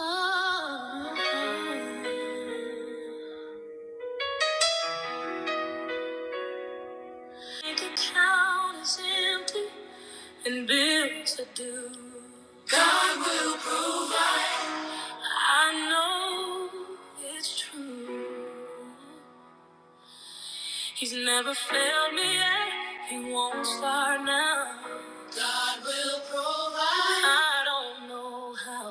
Make account is empty and bills are due. I know it's true. He's never failed me yet. He won't start now. Will provide. I don't know how,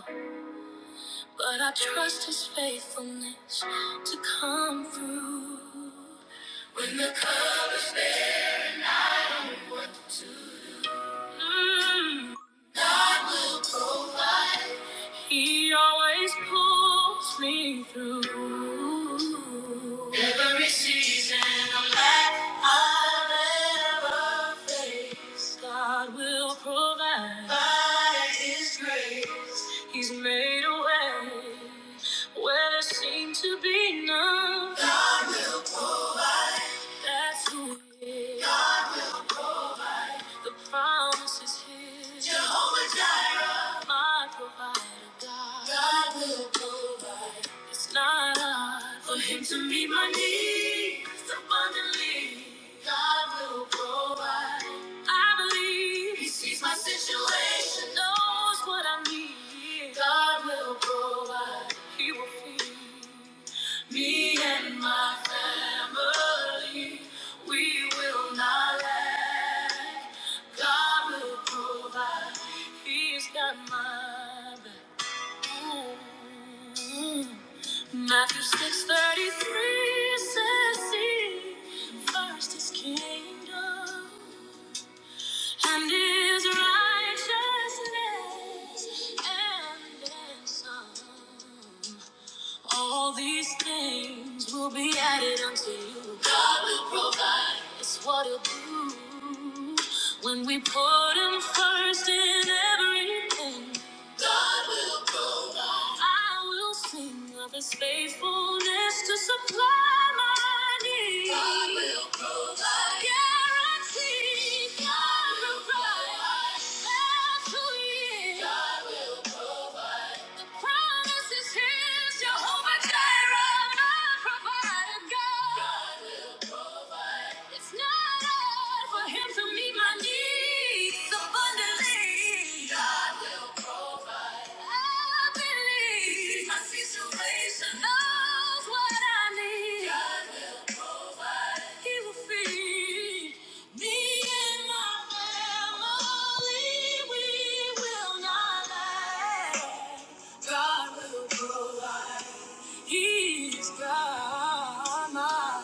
but I trust his faithfulness to come through. When the colors. Mm. He always pulls me through. Every season of life I've ever faced, God will provide. By His grace, He's made a way where there seemed to be none. God will provide. That's who He is. The promise is here. Jehovah Jireh, my provider, God. God will provide. It's not hard for him to meet my needs abundantly. God will provide. I believe he sees my situation, knows what I need. God will provide. He will feed me and my family. We will not lack. God will provide. He's got my back. Matthew 6:33 says, "See first His kingdom and His righteousness, and then some. All these things will be added unto you. God will provide. It's what He'll do when we put Him first in everything. I will sing of his faithfulness to supply my needs. God will provide. Guarantee. God will provide. That's who He is. God will. The promise is his. Jehovah Jireh, my provider. God. God will provide. It's not hard for him to meet my needs abundantly. God will provide. I believe. My situation knows what I need. God will provide. He will feed me and my family. We will not lack. God will provide. He's got my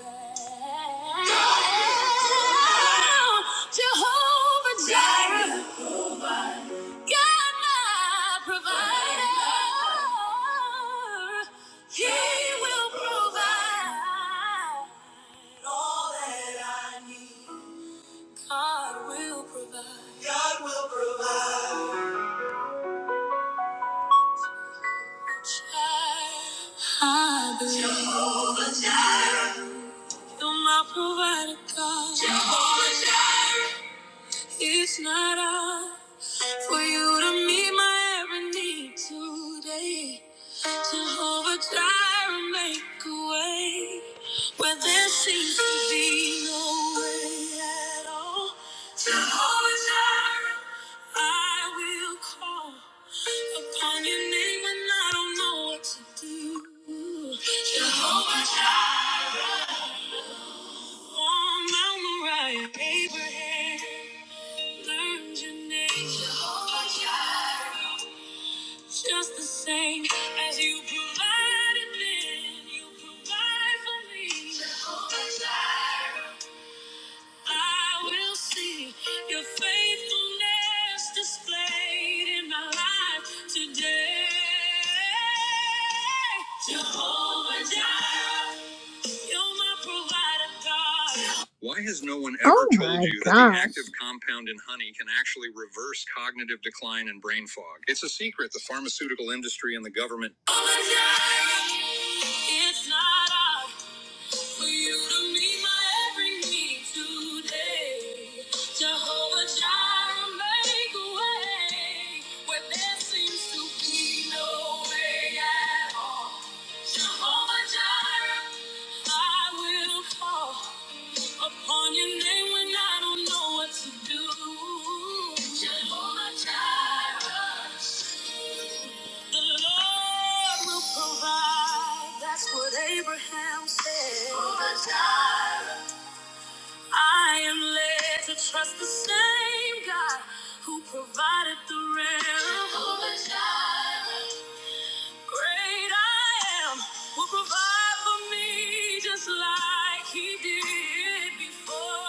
back. God will provide. Jehovah Jireh. God will provide. God, my provider, He will provide all that I need. God will provide. God will provide. Child, I believe. Jehovah Jireh. You're my provider, God. Jehovah Jireh. It's not hard for you to meet my every need today. Jehovah Jireh, make a way where there seems to be no way at all. Jehovah Jireh, I will call upon your name and I don't know what to do. On Mount Moriah, Abraham learned your name. Jehovah Jireh. Just the same as you provided then, you provide for me. Jehovah Jireh. I will see your faithfulness displayed in my life today. Jehovah Jireh. Why has no one ever Oh told my you gosh. that the active compound in honey can actually reverse cognitive decline and brain fog? It's a secret the pharmaceutical industry and the government. Oh, it's not our for you to meet my every need today. Jehovah Jireh, make a way where there seems to be no way at all. Jehovah Jireh, I will call upon your name when I don't know what to do. Jehovah Jireh. The Lord will provide. That's what Abraham said. Jehovah Jireh. I am led to trust the same God who provided the rain. Jehovah Jireh. Great I am will provide for me just like he did before.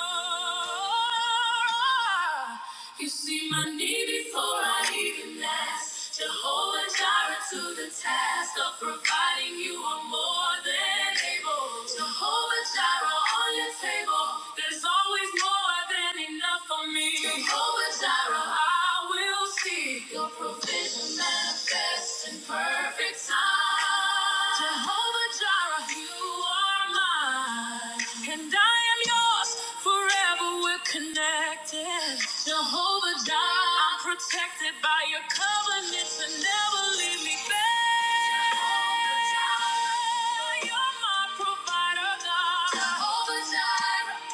You see my need before I even ask. Jehovah Jireh to the task of providing you are more than able. Jehovah Jireh on your table. There's always more than enough for me. Jehovah Jireh, I will see your provision manifest in perfect time. Jehovah Jireh, you are mine, and I am yours forever. We're connected. Jehovah Jireh, I'm protected by your covenant to never leave me back. Jehovah Jireh, you're my provider, God. Jehovah Jireh,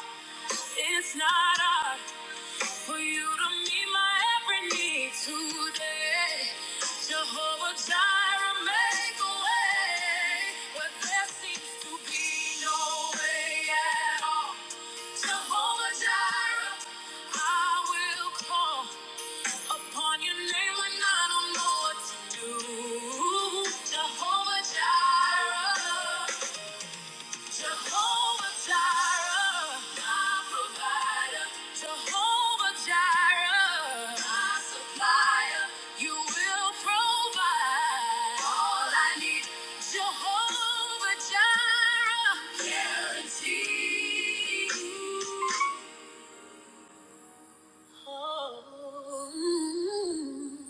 it's not ours. For you to meet my every need today. Jehovah Jireh, make a way where there seems to be no way at all. Jehovah Jireh, I will call upon your name when I don't know what to do. Jehovah Jireh. Jehovah Jireh, my provider. Jehovah Jireh, my supplier. You will provide all I need. Jehovah Jireh, guarantee. Oh, mm.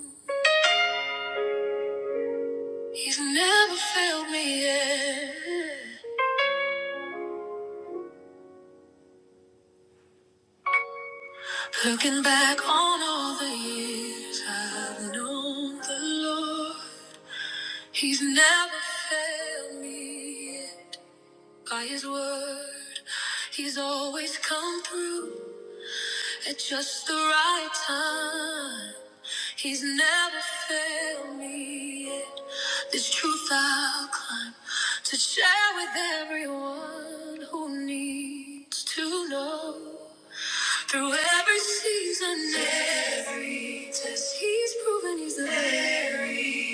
He's never failed me yet. Looking back on all the years I've known the Lord, He's never failed me yet. By His word, He's always come through. At just the right time, He's never failed me yet. This truth I'll climb to share with everyone who needs to know. Through every season, every test, He's proven He's the very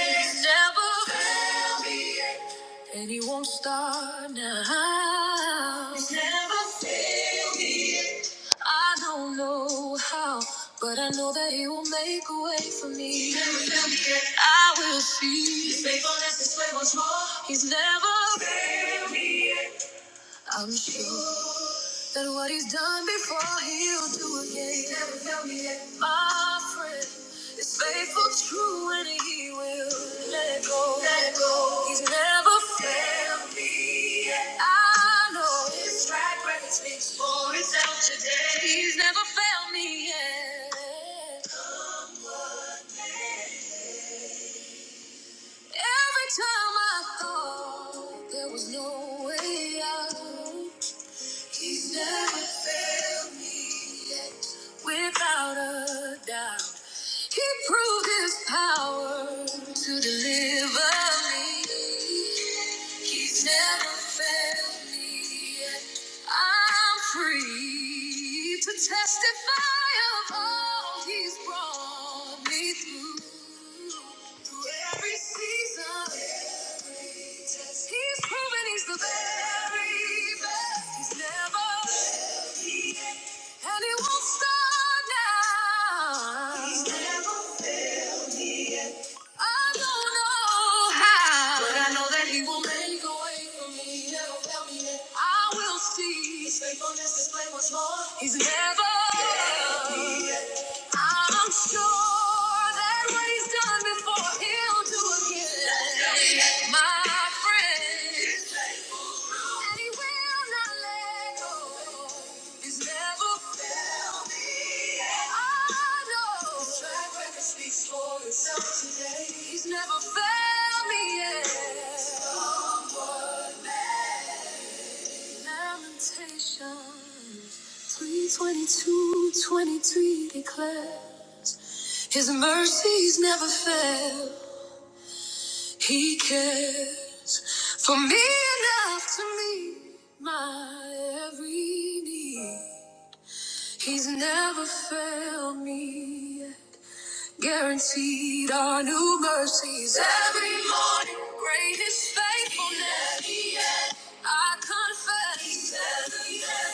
best. He's never failed me yet. And he won't start now. He's never failed me. I don't know how, but I know that He will make a way for me. He never failed me yet. I will see. He's faithful and what's more. He's never failed me. I'm sure that what he's done before he'll do again. He never failed me yet. My friend is faithful, true, and he will let go. Let go. He's never failed me yet. I know his track record speaks for itself today. He's never failed me yet. Every time I thought there was no way out. He's never failed me yet, without a doubt. He proved his power to deliver me. He's never failed me yet. I'm free to testify testify of all he's brought me through. Through every season, every test. he's proven he's the very best. He's never, and he won't stop now. I don't know how, but I, will see. He's never. I'm sure that what he's done before he'll do again, my friend. And he will not let go. He's never failed me. I know. His track record speaks for itself today. He's never failed me yet. Someone may. Lamentations 322 23 declares His mercies never fail. He cares for me enough to meet my every need. He's never failed me. yet. Guaranteed our new mercies every morning. Great is faithfulness. I confess,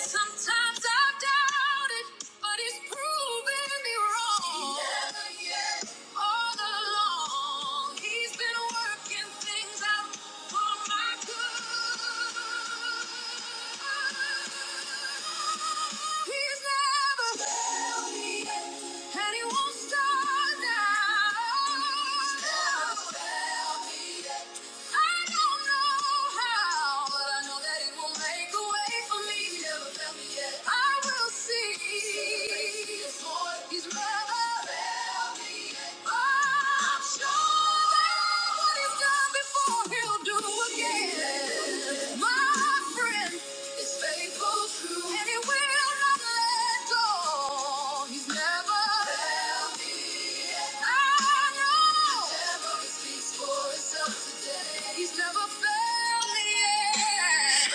sometimes I've doubted, but it's proven me wrong. All along, He's been working things out for my good. He's never failed me yet. And he won't start now. He's never failed me yet. I don't know how, but I know that he will make a way for me. He never failed me yet. I will see. He's never failed me yet. I'm sure that what he's done before, he'll do again. He's never failed me yet.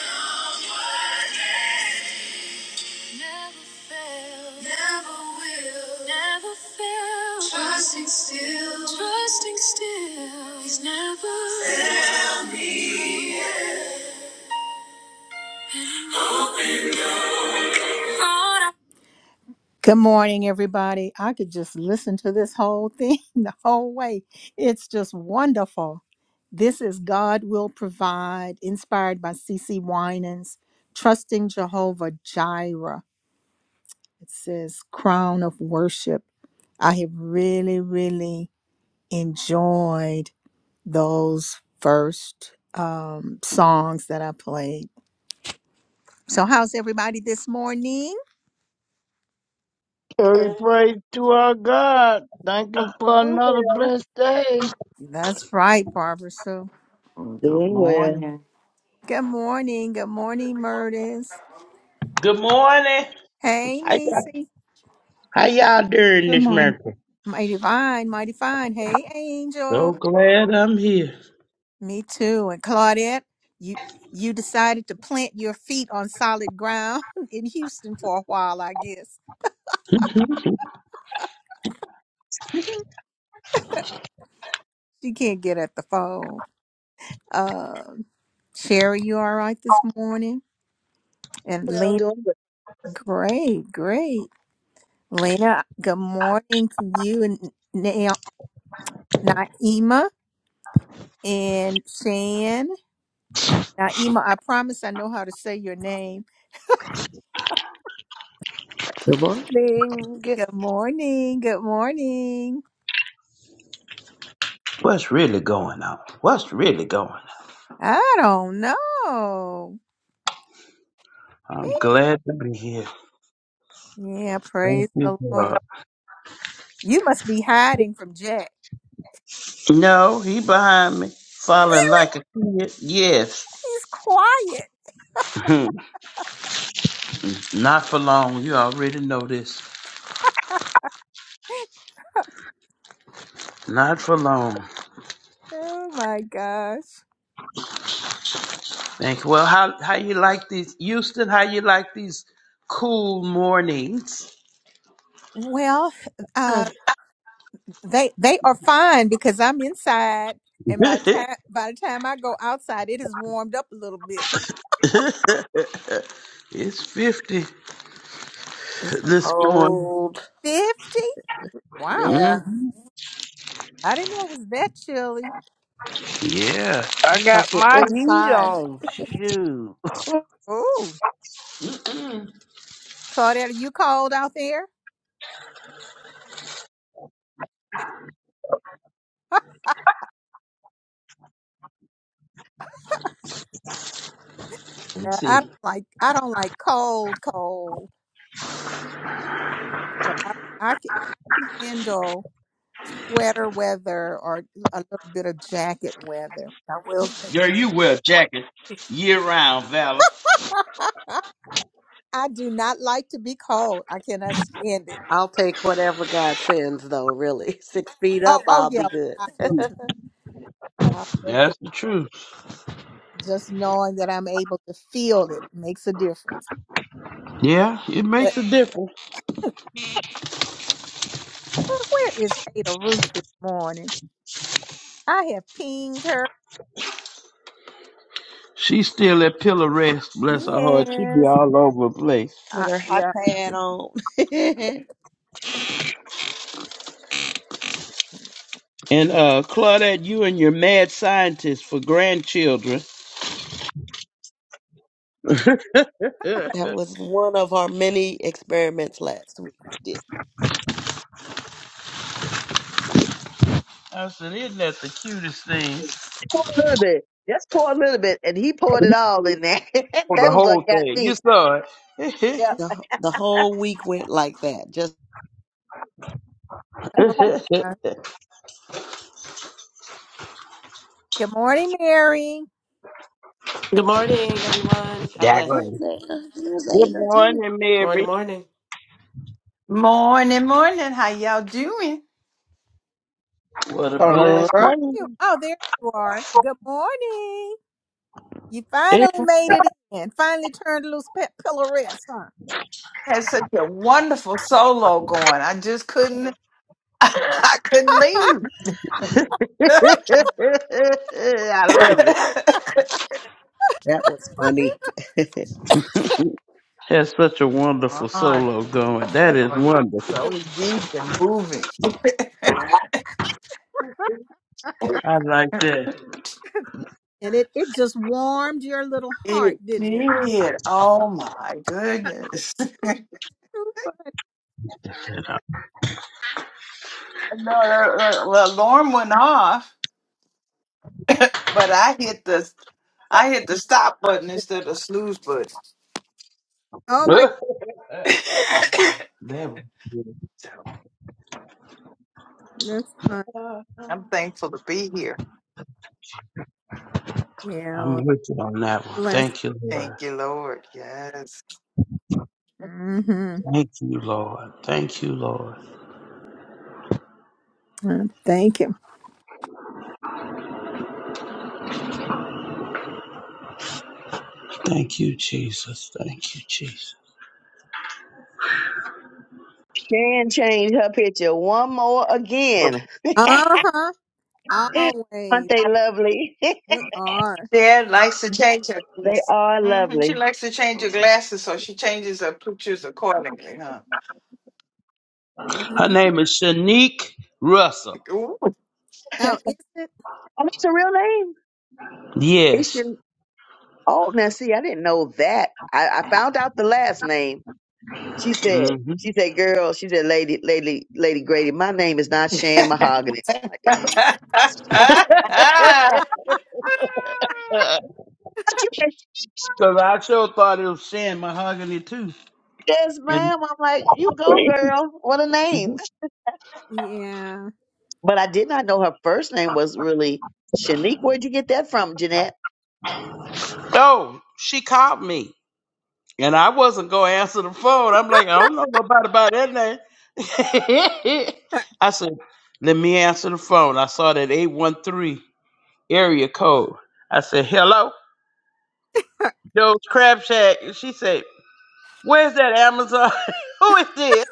Never failed. Never will. Never failed. Trusting still. Trusting still. He's never. Good morning, everybody. I could just listen to this whole thing the whole way. It's just wonderful. This is God Will Provide, inspired by C. C. Winans, Trusting Jehovah Jireh. It says, Crown of Worship. I have really, really enjoyed those first um, songs that I played. So, how's everybody this morning? And we pray to our God. Thank Him for Doing another well. blessed day. That's right, Barbara Sue. Good Doing well. morning. Good morning. Good morning, Murtis. Good morning. Hey, How y'all, Nisi. how y'all doing Good this morning. morning? Mighty fine, mighty fine. Hey, So Angel. glad I'm here. Me too. And Claudette, you you decided to plant your feet on solid ground in Houston for a while, I guess. She can't get at the phone. Uh, Sherry, you all right this morning? And Well, Lena, doing well. great, great. Lena, good morning to you and Na- Naima and Shan. Naima, I promise I know how to say your name. Good morning. Good morning. Good morning. What's really going on? What's really going on? I don't know. Me? I'm glad to be here. Yeah, Thank praise you, the Lord. God. You must be hiding from Jack. No, he behind me, falling Really? like a kid. Yes. He's quiet. Not for long. You already know this. Not for long. Oh my gosh. Thank you. Well, how how you like these, Houston? How you like these cool mornings? Well, Uh, uh, they they are fine because I'm inside, and by the it's time by the time I go outside, it has warmed up a little bit. fifty this morning. Cold. Fifty? Wow! Yeah. Mhm. I didn't know it was that chilly. Yeah. I It's got because you're my heat inside. on. Shoot. Ooh. Mm. Claudette, are you cold out there? Uh, Let's I don't see. like I don't like cold, cold, but I I can handle sweater weather or a little bit of jacket weather. I will Girl, take. you wear a jacket year round, Valor. I do not like to be cold. I cannot stand it. I'll take whatever God sends, though, really. Six feet Oh, up, oh I'll be yeah, good. I will too. I will too. That's the truth. Just knowing that I'm able to feel it makes a difference. Yeah, it But makes a difference. where is Ada Ruth this morning? I have pinged her. She's still at pillow rest, bless her heart. She be Yes. all over the place. With Uh, her hot yeah. pad on. that And uh Claudette, you and your mad scientist for grandchildren. I was one of our many experiments last week. We did. said, isn't that the cutest thing? Pour a little bit. Just pour a little bit. And he poured it all in there. For the that was whole what got thing. You me. saw it. Yep. The, the whole week went like that. Just Oh, Good morning, Mary. Good morning, everyone. God "There's bless. Daggone. Ada, there's Good Ada too." morning, Morning, Mary. morning. Morning, morning. How y'all doing? What a Oh, where All are blessing. right. you? Oh, there you are. Good morning. You finally made it in. Finally turned loose pet pillow rest, huh? Had such a wonderful solo going. I just couldn't. I couldn't leave. I love it. that was funny. That's such a wonderful On, solo going. That That's is oh yeah, wonderful. cute. so deep and moving. I like that. And it, it just warmed your little heart, It didn't it? did. Oh my goodness. no, uh, too funny. uh, well, alarm went off, but I hit the I hit the stop button instead of the snooze button. Oh my That was good. so God, that's fun. I'm thankful to be here. Yeah, I'm with you on that one. bless. Thank you, Lord. Thank you, Lord. Yes. hmm Thank you, Lord. Thank you, Lord. Thank you. Thank you, Jesus. Thank you, Jesus. Shan changed her picture one more again. Uh huh. Aren't Always they lovely? they are. Dad likes to change her they glasses. are hmm She lovely. likes to change her glasses, so she changes her pictures accordingly, huh? Her Mhm. name is Shanique Russell. Ooh. Oh, is it? Oh, that's her real name. It's Yes. your oh now see, I didn't know that. I, I found out the last name. She said, Mm-hmm. she said, girl, she said, lady, lady, lady Grady, my name is not Shan Mahogany. I'm like, it Amen. ain't. Because I sure thought it was sin mahogany too. Yes, And ma'am. I'm like, you go, girl. What a name. Mhm. Yeah. But I did not know her first name was really Shanique. Where'd you get that from, Jeanette? oh, she called me. And I wasn't gonna answer the phone. I'm like, I don't know nobody about that name. I said, let me answer the phone. I saw that 813 area code. I said, hello, Joe's Crab Shack. And she said, where's that Amazon? Who is this?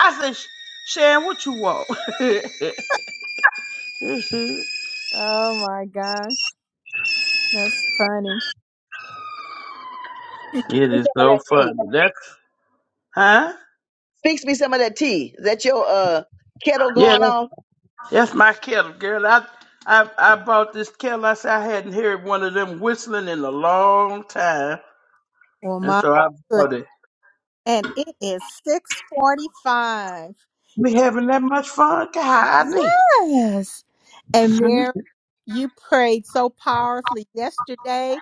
I said, "Sh- Sharon, what you want? it Oh my gosh, that's funny. Fix me is some of so that funny. tea. That's, huh? Fix me some of that tea. Is that your uh kettle going off? That's my kettle, girl. I I I bought this kettle. I said I hadn't heard one of them whistling in a long time, Well, and my so I goodness. bought it. and it is 645. We having that much fun, golly. Yes. And Mary, you prayed so powerfully yesterday.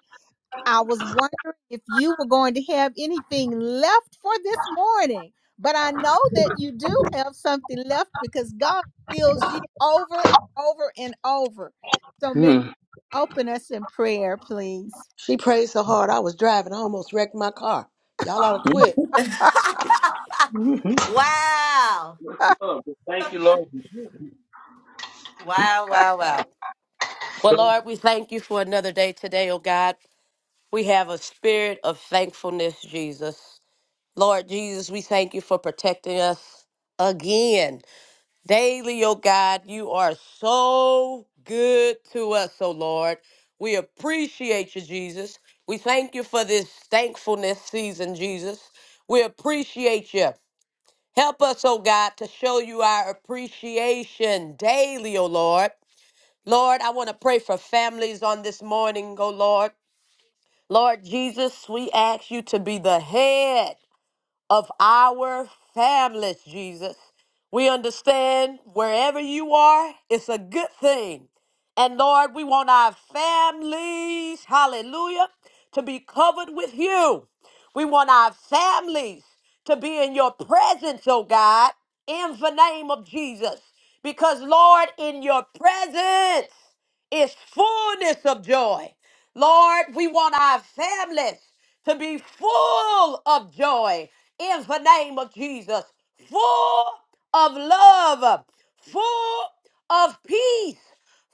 I was wondering if you were going to have anything left for this morning, but I know that you do have something left because God heals you over and over and over. So, Mary, Mhm. open us in prayer, please. she prayed so hard, I was driving. I almost wrecked my car. Y'all ought to quit. Mhm. Wow. Lord, Thank you, Lord. Wow, wow, wow. Well, Lord, we thank you for another day today, oh God. We have a spirit of thankfulness, Jesus. Lord Jesus, we thank you for protecting us again. Daily, oh God, you are so good to us, oh Lord. We appreciate you, Jesus. We thank you for this thankfulness season, Jesus. We appreciate you. Help us, oh God, to show you our appreciation daily, oh Lord. Lord, I want to pray for families on this morning, oh Lord. Lord Jesus, we ask you to be the head of our families, Jesus. We understand wherever you are, it's a good thing. And Lord, we want our families, hallelujah, to be covered with you. We want our families to be in your presence, oh God, in the name of Jesus. Because, Lord, in your presence, is fullness of joy. Lord, we want our families to be full of joy in the name of Jesus, full of love, full of peace,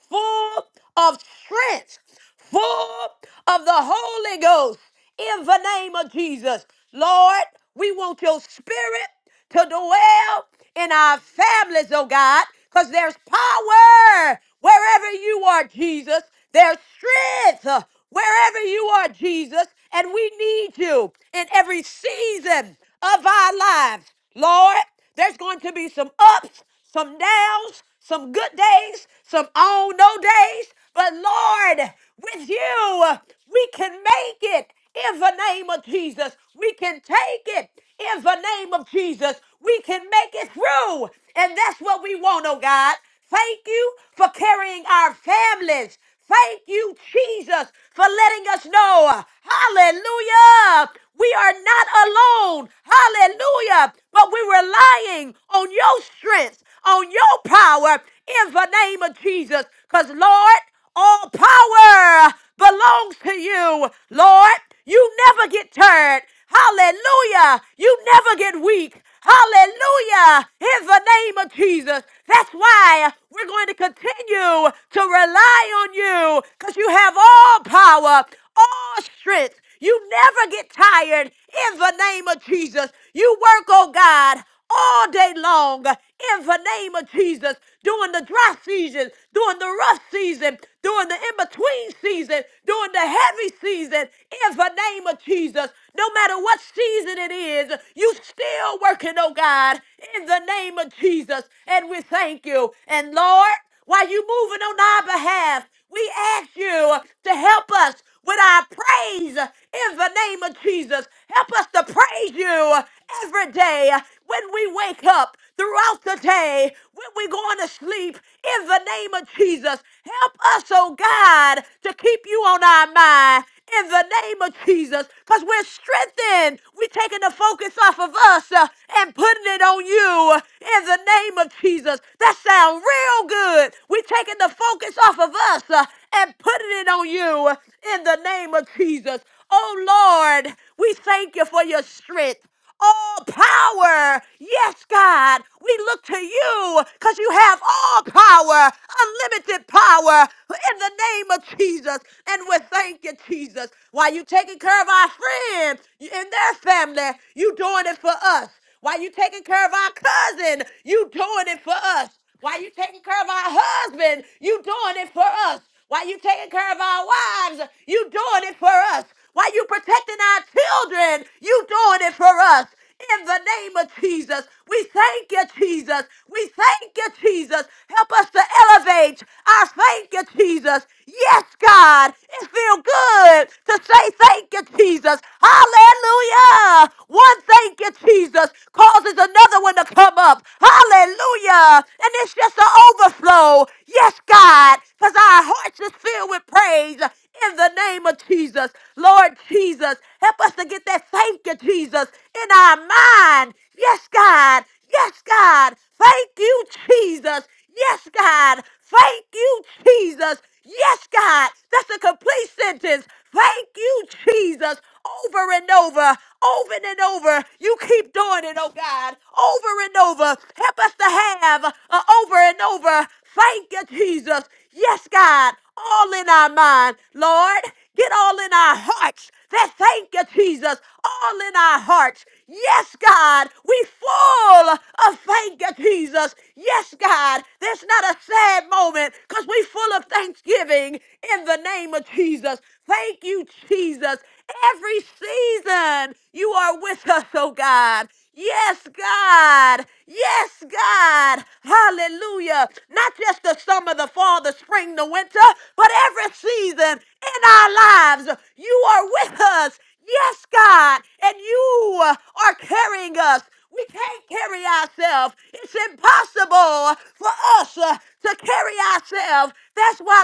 full of strength, full of the Holy Ghost in the name of Jesus. Lord, we want your spirit to dwell in our families, oh God, because there's power wherever you are, Jesus. There's strength uh, wherever you are, Jesus. And we need you in every season of our lives. Lord, there's going to be some ups, some downs, some good days, some all no days. But Lord, with you, we can make it in the name of Jesus. We can take it in the name of Jesus. We can make it through. And that's what we want, oh God. Thank you for carrying our families. Thank you, Jesus, for letting us know. Hallelujah. We are not alone. Hallelujah. But we're relying on your strength, on your power in the name of Jesus. Because, Lord, all power belongs to you, Lord. You never get tired. Hallelujah. You never get weak. Hallelujah. In the name of Jesus. That's why we're going to continue to rely on you because you have all power, all strength. You never get tired in the name of Jesus. You work, oh God, all day long in the name of Jesus during the dry season, during the rough season, during the in between season, during the heavy season in the name of Jesus. No matter what season it is, you still working, oh God, in the name of Jesus. And we thank you. And Lord, while you moving on our behalf. We ask you to help us with our praise in the name of Jesus. Help us to praise you every day when we wake up throughout the day, when we're going to sleep in the name of Jesus. Help us, oh God, to keep you on our mind in the name of Jesus because we're strengthened. We're taking the focus off of us uh, and putting it on you uh, in the name of Jesus. That sounds real good. We're taking the focus off of us uh, and putting it on you uh, in the name of Jesus. Oh Lord, we thank you for your strength all power. Yes, God, we look to you because you have all power, unlimited power in the name of Jesus. And we thank you, Jesus. While you taking care of our friends and their family, you doing it for us. While you taking care of our cousin, you doing it for us. Why you taking care of our husband? You doing it for us. Why you taking care of our wives? You doing it for us. Why you protecting our children? You doing it for us. In the name of Jesus, we thank you, Jesus. We thank you, Jesus. Help us to elevate our thank you, Jesus. Yes, God, it feels good to say thank you, Jesus. Hallelujah. One thank you, Jesus, causes another one to come up. Hallelujah. And it's just an overflow. Yes, God, because our hearts is filled with praise in the name of Jesus. Lord Jesus, help us to get that thank you, Jesus, in our mind. Yes, God. Yes, God. Thank you, Jesus. Yes, God. Thank you, Jesus. Yes, God. That's a complete sentence. Thank you, Jesus. Over and over, over and over. You keep doing it, oh God. Over and over. Help us to have a over and over. Thank you, Jesus. Yes, God. All in our mind, Lord. Get all in our hearts that thank you, Jesus, all in our hearts. Yes, God, we full of thank you, Jesus. Yes, God, there's not a sad moment because we full of thanksgiving in the name of Jesus. Thank you, Jesus. Every season you are with us, oh God. Yes, God. Yes, God. Hallelujah. Not just the summer, the fall, the spring, the winter, but every season in our lives, you are with us. Yes, God. And you are carrying us. We can't carry ourselves. It's impossible for us uh, to carry ourselves. That's why,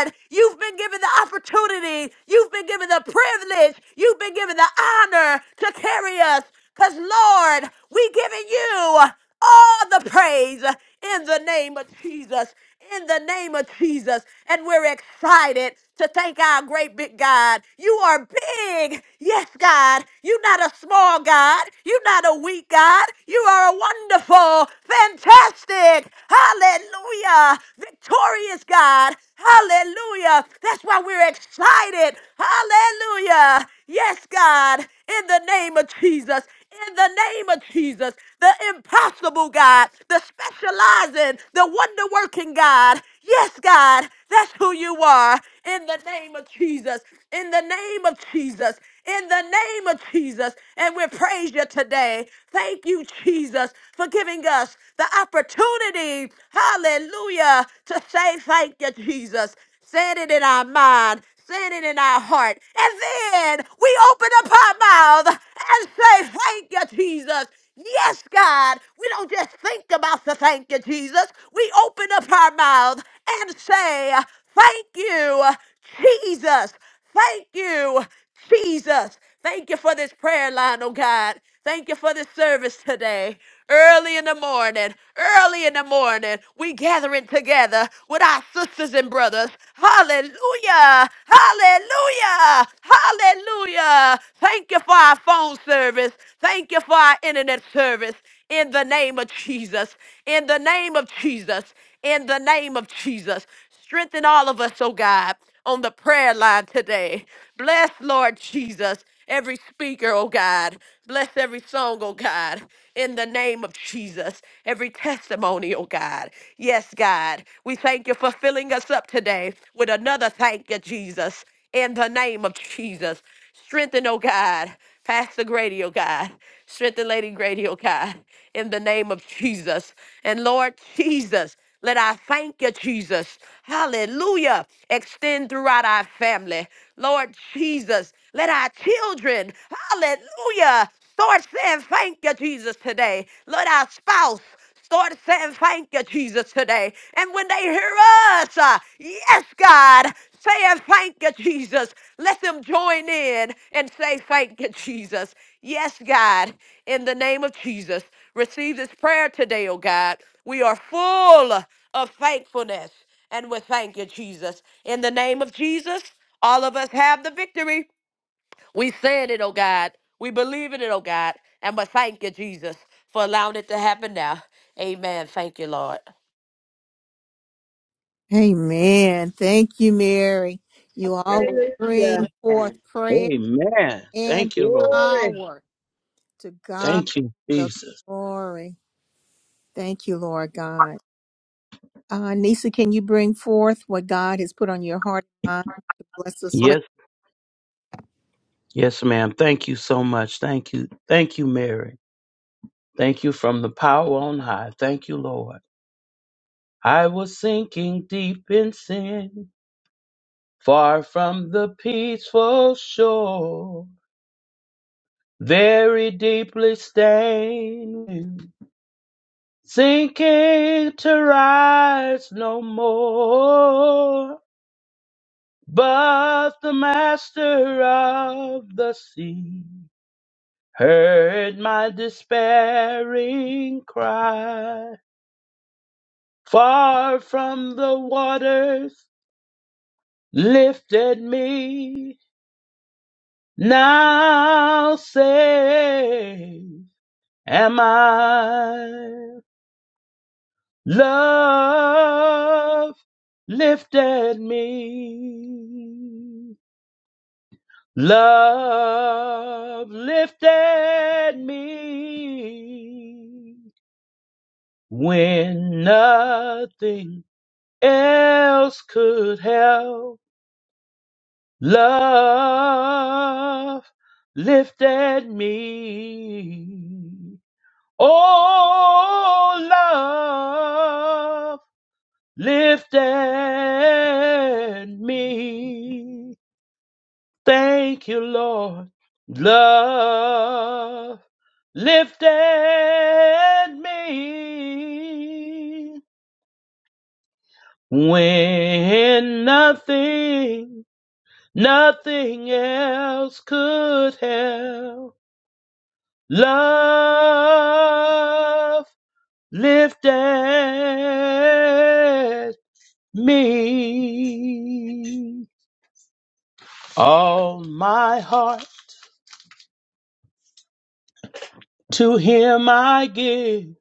Lord, you've been given the opportunity, you've been given the privilege, you've been given the honor to carry us. Because, Lord, we giving you all the praise in the name of Jesus. In the name of Jesus. And we're excited to thank our great big God. You are big. Yes, God. You're not a small God. You're not a weak God. You are a wonderful, fantastic, hallelujah, victorious God. Hallelujah. That's why we're excited. Hallelujah. Yes, God. In the name of Jesus in the name of Jesus, the impossible God, the specializing, the wonder working God. Yes, God, that's who you are in the name of Jesus, in the name of Jesus, in the name of Jesus. And we praise you today. Thank you, Jesus, for giving us the opportunity, hallelujah, to say thank you, Jesus. Set it in our mind saying it in our heart. And then we open up our mouth and say, Thank you, Jesus. Yes, God. We don't just think about the thank you, Jesus. We open up our mouth and say, Thank you, Jesus. Thank you, Jesus. Thank you for this prayer line, oh God. Thank you for this service today. Early in the morning, early in the morning, we gathering together with our sisters and brothers. Hallelujah! Hallelujah! Hallelujah! Thank you for our phone service. Thank you for our internet service. In the name of Jesus. In the name of Jesus. In the name of Jesus. Strengthen all of us, oh God, on the prayer line today. Bless, Lord Jesus, every speaker, oh God. Bless every song, oh God, in the name of Jesus. Every testimony, oh God. Yes, God. We thank you for filling us up today with another thank you, Jesus, in the name of Jesus. Strengthen, oh God, Pastor Grady, oh God. Strengthen Lady Grady, oh God, in the name of Jesus. And Lord Jesus, let I thank you, Jesus. Hallelujah. Extend throughout our family. Lord Jesus, let our children, hallelujah. start saying thank you, Jesus, today. Let our spouse, Start saying thank you, Jesus, today. And when they hear us, uh, yes, God, saying thank you, Jesus, let them join in and say thank you, Jesus. Yes, God, in the name of Jesus, receive this prayer today, oh God. We are full of thankfulness and we thank you, Jesus. In the name of Jesus, all of us have the victory. We said it, oh God. We believe in it, oh God. And but thank you, Jesus, for allowing it to happen now. Amen. Thank you, Lord. Amen. Thank you, Mary. You always Hallelujah. bring forth prayer. Amen. in Thank you, Lord. Glory. power. To God Thank you, the Jesus. glory. Thank you, Lord God. Uh, Nisa, can you bring forth what God has put on your heart and mind to bless us with? Yes, yes, ma'am. Thank you so much. Thank you. Thank you, Mary. Thank you from the power on high. Thank you, Lord. I was sinking deep in sin Far from the peaceful shore, very deeply stained, sinking to rise no more. But the master of the sea heard my despairing cry. Far from the waters lifted me, now saved. am I. Love lifted me. Love lifted me when nothing else could help. Love lifted me. Oh, love. lifted me. Thank you, Lord. Love lifted me when nothing, nothing else could help. Love lifted me. All my heart to him I give,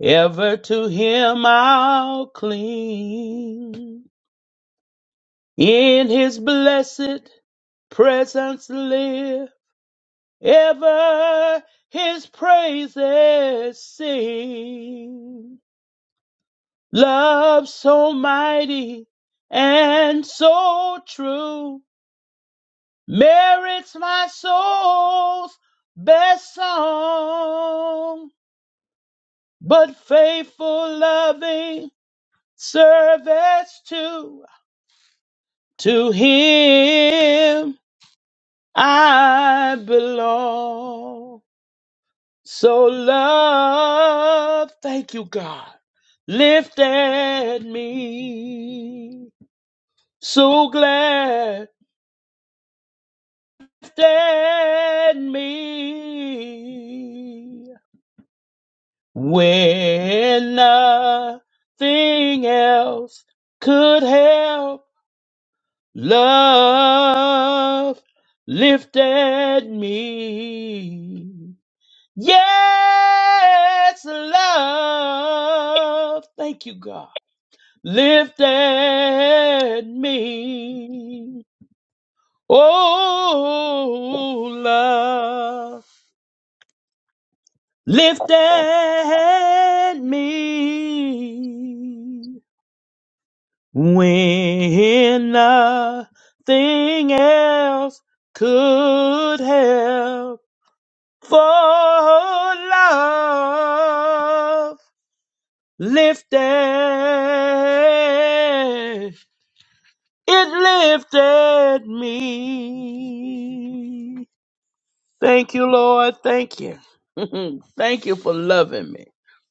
ever to him I'll cling. In his blessed presence live, ever his praises sing. Love so mighty and so true merits my soul's best song. but faithful, loving service to to Him I belong. So love, thank you, God, lifted me. So glad lifted me when nothing else could help Love lifted me. Yes, love. Thank you, God. Lifted me. Oh, love lifted me. when nothing else could help for love lifted it lifted me thank you lord thank you thank you for loving me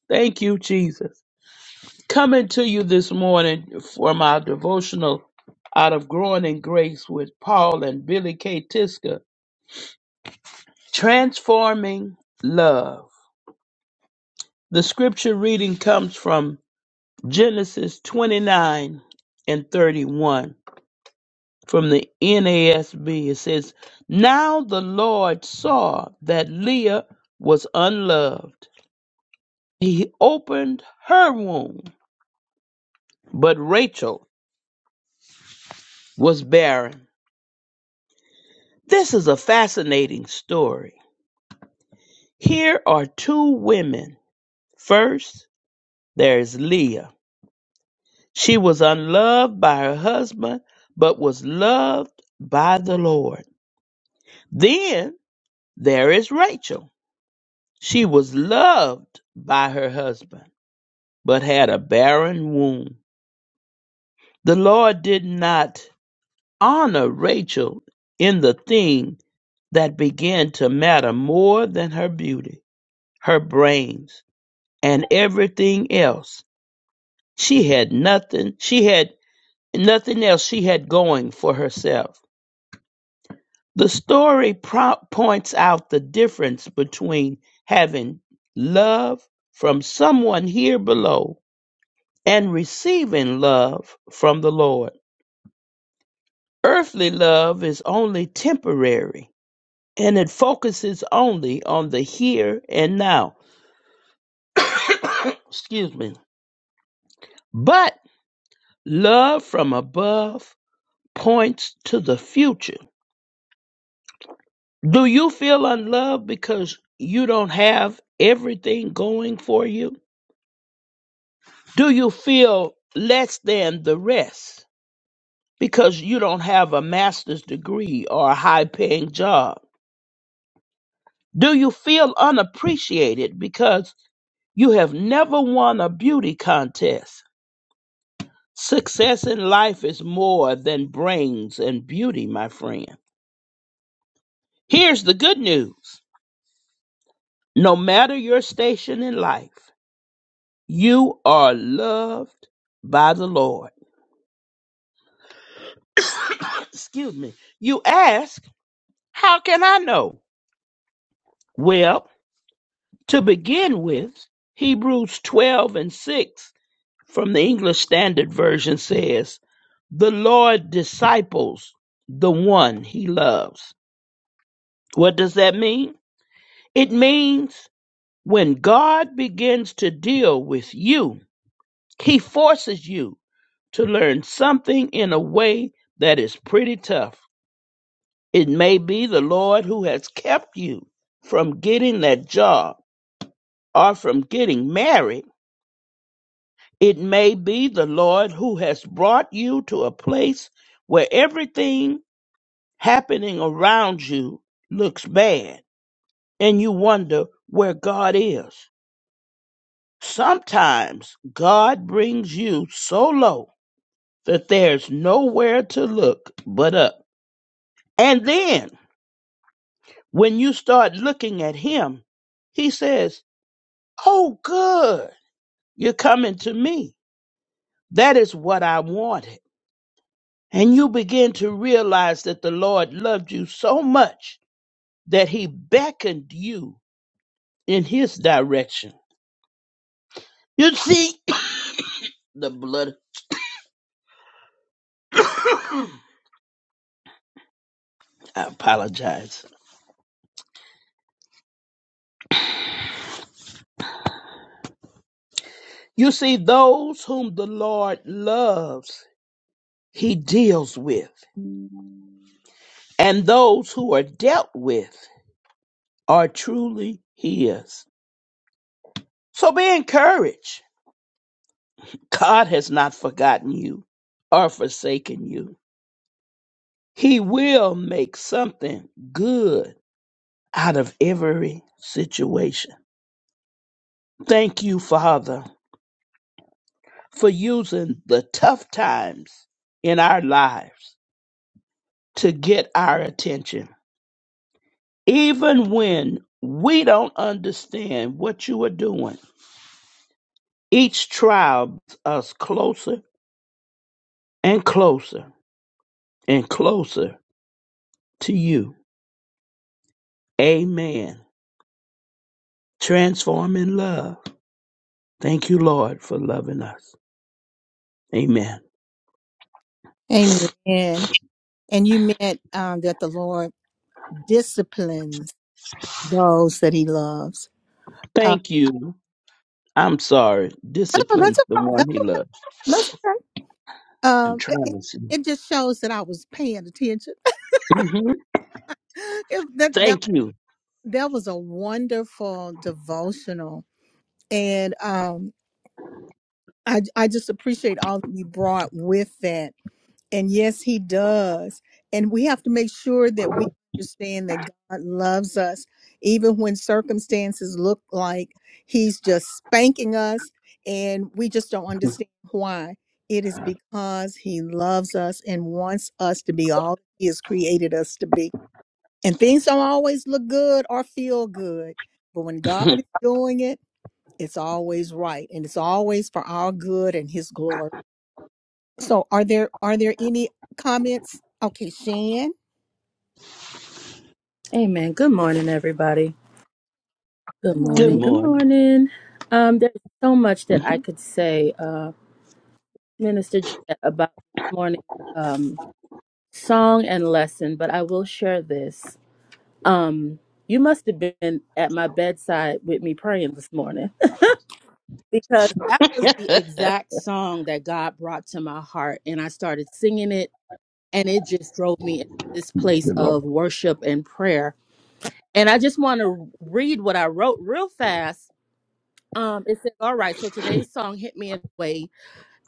thank you jesus coming to you this morning from our devotional out of Growing in Grace with Paul and Billy K. Tiska, Transforming Love. The scripture reading comes from Genesis 29 and 31 from the NASB. It says, Now the Lord saw that Leah was unloved. He opened her womb, but Rachel was barren. This is a fascinating story Here are two women. First, there is Leah. She was unloved by her husband, but was loved by the Lord. Then there is Rachel. She was loved by her husband, but had a barren womb. The Lord did not honor Rachel in the thing that began to matter more than her beauty, her brains, and everything else. She had nothing. She had nothing else she had going for herself. The story pro- points out the difference between having love from someone here below and receiving love from the Lord. Earthly love is only temporary and it focuses only on the here and now. Excuse me. But love from above points to the future Do you feel unloved because you don't have everything going for you? Do you feel less than the rest because you don't have a master's degree or a high paying job? Do you feel unappreciated because you have never won a beauty contest? Success in life is more than brains and beauty, my friend. Here's the good news no matter your station in life, You are loved by the Lord. Excuse me. You ask, How can I know? Well, to begin with, Hebrews 12 and 6 from the English Standard Version says, The Lord disciples the one he loves. What does that mean? It means when God begins to deal with you, he forces you to learn something in a way that is pretty tough. It may be the Lord who has kept you from getting that job or from getting married. It may be the Lord who has brought you to a place where everything happening around you looks bad and you wonder where God is. Sometimes God brings you so low that there's nowhere to look but up. And then when you start looking at Him, He says, Oh, good. You're coming to me. That is what I wanted. And you begin to realize that the Lord loved you so much that he beckoned you in his direction. You see, the blood, I apologize. You see, those whom the Lord loves, he deals with. And those who are dealt with are truly his. So be encouraged God has not forgotten you or forsaken you. He will make something good out of every situation. Thank you, Father, for using the tough times in our lives to get our attention. Even when we don't understand what you are doing, each trial brings us closer and closer and closer to you. Amen. Transforming love. Thank you, Lord, for loving us. Amen. Amen. And you meant um, that the Lord disciplines those that He loves. Uh, Thank you. I'm sorry. oh, Discipline's that's the o- one that's he okay. loves. That's okay. I'm Um, th- it, trying to see. it just shows that I was paying attention. hmm If that that Thank you. that was a wonderful devotional, and um, I, I just appreciate all that you brought with that. And yes, he does. And we have to make sure that we understand that God loves us, even when circumstances look like he's just spanking us and we just don't understand why. It is because he loves us and wants us to be all he has created us to be. And things don't always look good or feel good. But when God is doing it, it's always right and it's always for our good and his glory so are there are there any comments okay shan Amen. Good morning, everybody. good Good Good morning. morning Good morning. morning. Um, there's so much that I could say, uh, Minister Jet, about this morning um, song and lesson, but I will share this. Um, you must have been at my bedside with me praying this morning because that was the Good exact song that God brought to my heart, and I started singing it, and it just drove me into this place Lord. of worship and prayer. And I just want to read what I wrote real fast Um, it says, "All right, so today's song hit me in a way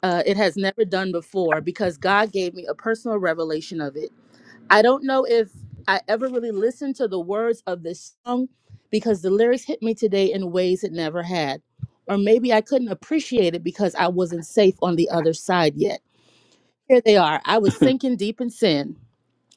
uh, it has never done before because God gave me a personal revelation of it. I don't know if I ever really listened to the words of this song because the lyrics hit me today in ways it never had, or maybe I couldn't appreciate it because I wasn't safe on the other side yet. Here they are. I was sinking deep in sin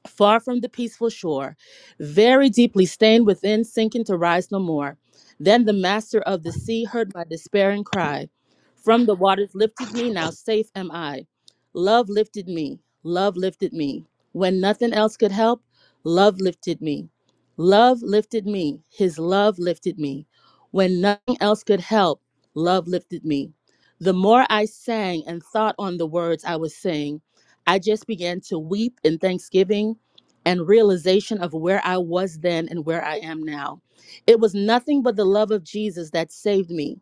far from the peaceful shore, very deeply stained within, sinking to rise no more. Then the master of the sea heard my despairing cry. From the waters lifted me, now safe am I. Love lifted me, love lifted me. When nothing else could help, love lifted me. Love lifted me, his love lifted me. When nothing else could help, love lifted me. The more I sang and thought on the words I was saying, I just began to weep in thanksgiving and realization of where I was then and where I am now. It was nothing but the love of Jesus that saved me.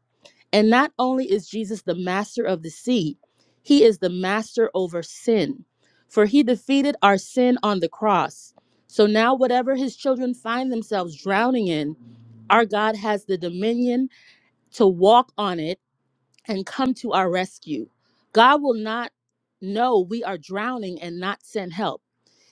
And not only is Jesus the master of the sea, he is the master over sin. For he defeated our sin on the cross. So now, whatever his children find themselves drowning in, our God has the dominion to walk on it and come to our rescue. God will not know we are drowning and not send help.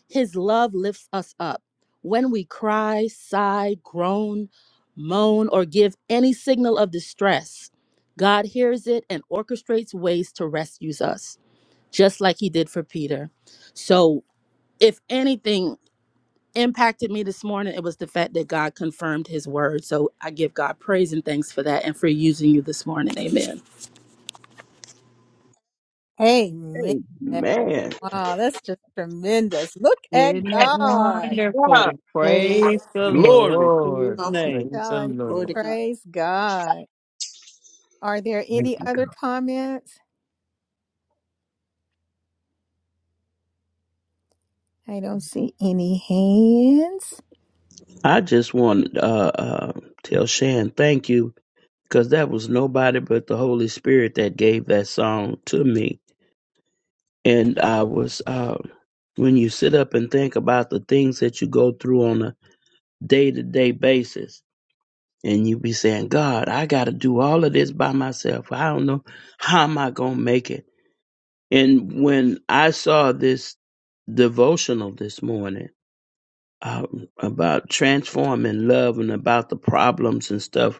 His love lifts us up. When we cry, sigh, groan, moan, or give any signal of distress, God hears it and orchestrates ways to rescue us, just like he did for Peter. So, if anything impacted me this morning, it was the fact that God confirmed his word. So, I give God praise and thanks for that and for using you this morning. Amen. amen Amen. wow that's just tremendous look at Isn't that god God, wonderful? Praise the Amen. glory to his Lord. i'm Confirm, name. Praise the telling you glory to Lord. God. praise god are there any other comments i don't see any hands I just want to uh, uh, tell Shan thank you because that was nobody but the Holy Spirit that gave that song to me. and I was um, when you sit up and think about the things that you go through on a day to day basis, and you be saying, "God, I got to do all of this by myself. I don't know how am I gonna make it." And when I saw this devotional this morning um, about transforming love and about the problems and stuff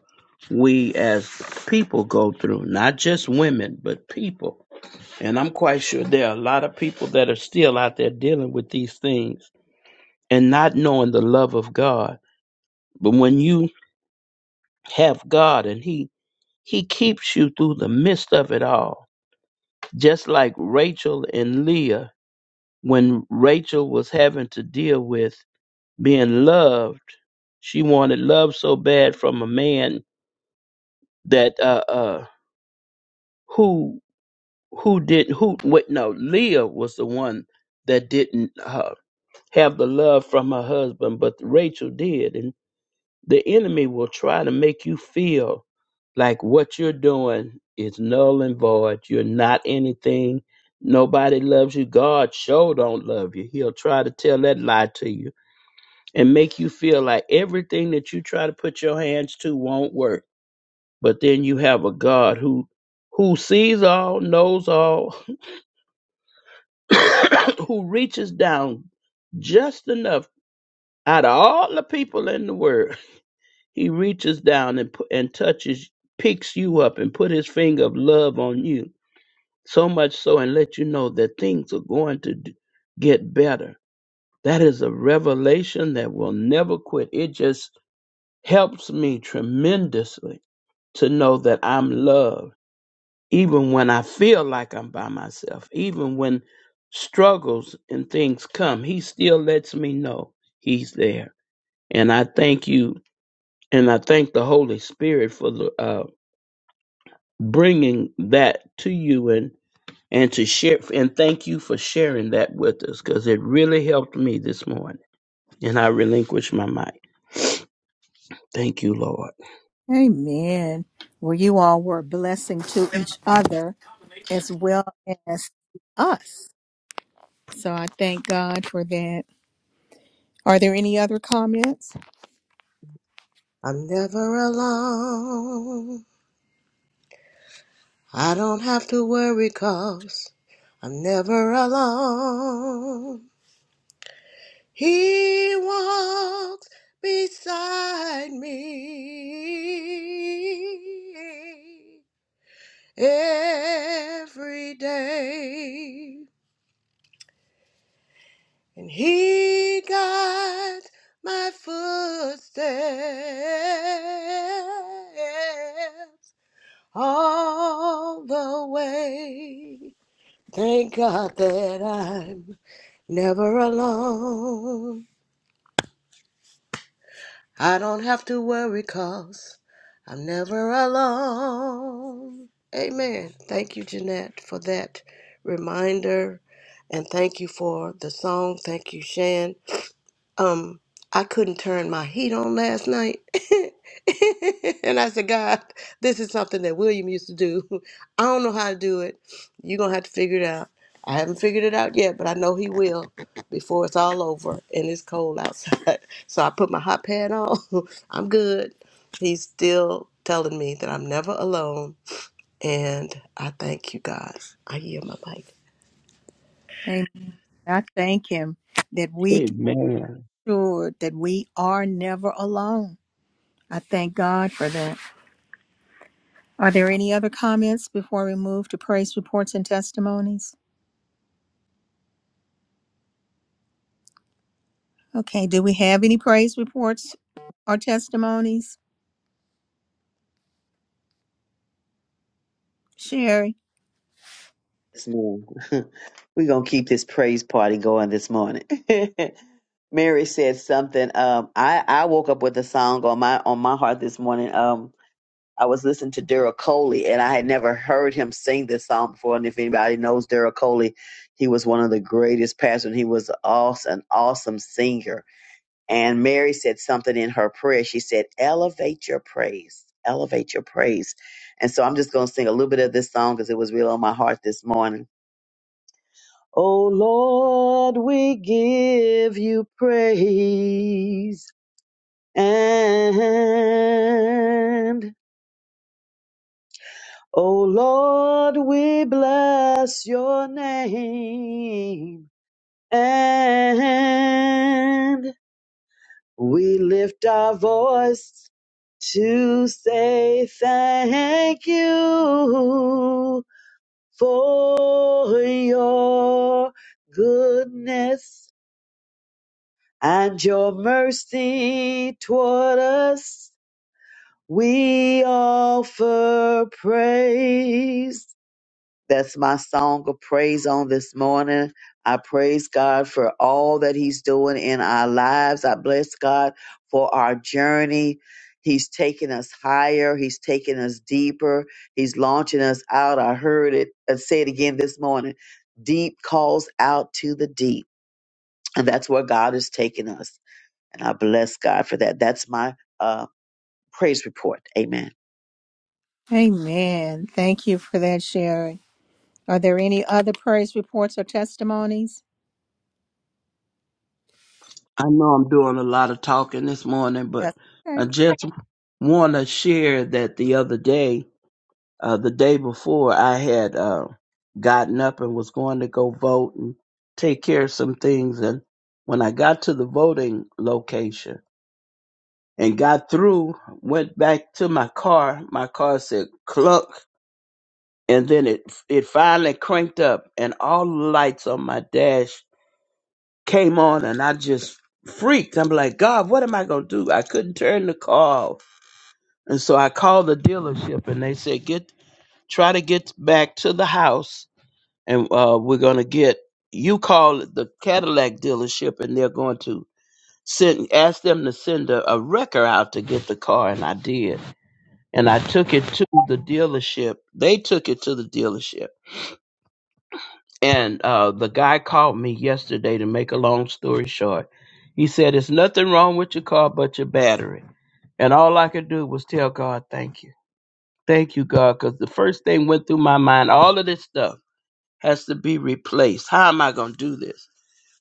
we as people go through, not just women but people and I'm quite sure there are a lot of people that are still out there dealing with these things and not knowing the love of God. But when you have God and He He keeps you through the midst of it all. Just like Rachel and Leah, when Rachel was having to deal with being loved, she wanted love so bad from a man that uh uh who who did who wait no Leah was the one that didn't uh. have the love from her husband, but Rachel did. And the enemy will try to make you feel like what you're doing is null and void. You're not anything. Nobody loves you. God sure don't love you. He'll try to tell that lie to you and make you feel like everything that you try to put your hands to won't work. But then you have a God who who sees all, knows all, who reaches down just enough Out of all the people in the world, he reaches down and pu- and touches, picks you up, and put his finger of love on you. So much so, and let you know that things are going to d- get better. That is a revelation that will never quit. It just helps me tremendously to know that I'm loved, even when I feel like I'm by myself, even when struggles and things come. He still lets me know he's there. And I thank you and I thank the Holy Spirit for the, uh, bringing that to you and and to share and thank you for sharing that with us because it really helped me this morning. And I relinquish my mic. Thank you, Lord. amen well you all were a blessing to each other as well as us So I thank God for that. Are there any other comments? I'm never alone. I don't have to worry cause I'm never alone. He walks beside me every day. And he guides my footsteps all the way. Thank God that I'm never alone. I don't have to worry i I'm never alone. Amen. Thank you, Jeanette, for that reminder. And thank you for the song. Thank you, Shan. um I couldn't turn my heat on last night. and I said, God, this is something that William used to do. I don't know how to do it. You're gonna have to figure it out. I haven't figured it out yet, but I know he will before it's all over and it's cold outside. So I put my hot pad on. I'm good. He's still telling me that I'm never alone. And I thank you God. I yield my mic. I thank Him that we can Amen. sure that we are never alone. I thank God for that. Are there any other comments before we move to praise reports and testimonies? Okay, do we have any praise reports or testimonies? Sherry. Yes, ma'am. We're gonna keep this praise party going this morning. Mary said something. Um, I I woke up with a song on my on my heart this morning. Um, I was listening to Daryl Coley, and I had never heard him sing this song before. And if anybody knows Daryl Coley, he was one of the greatest pastors. He was awesome, an awesome singer. And Mary said something in her prayer. She said, "Elevate your praise, elevate your praise." And so I'm just going to sing a little bit of this song because it was real on my heart this morning. Oh Lord, we give you praise and O Lord, we bless your name and we lift our voice to say thank you for your goodness and your mercy toward us. We offer praise That's my song of praise on this morning. I praise God for all that He's doing in our lives. I bless God for our journey. He's taking us higher. He's taking us deeper. He's launching us out. I heard it uh, say it again this morning. Deep calls out to the deep. And that's where God is taking us. And I bless God for that. That's my uh, praise report. Amen. Amen. Thank you for that, Sherry. Are there any other praise reports or testimonies? I know I'm doing a lot of talking this morning, but That's okay. I just want to share that the other day, uh, the day before, I had uh, gotten up and was going to go vote and take care of some things. And when I got to the voting location, and got through, went back to my car. My car said cluck, and then it it finally cranked up, and all the lights on my dash came on, and I just freaked. I'm like, God, what am I gonna do? I couldn't turn the car off, and so I called the dealership, and they said, get try to get back to the house, and uh, we're gonna get you call the Cadillac dealership, and they're going to send ask them to send a, a wrecker out to get the car, and I did and I took it to the dealership. They took it to the dealership. And uh, the guy called me yesterday to make a long story short. He said, There's nothing wrong with your car but your battery. And all I could do was tell God, Thank you. Thank you, God, because the first thing went through my mind all of this stuff has to be replaced. How am I going to do this?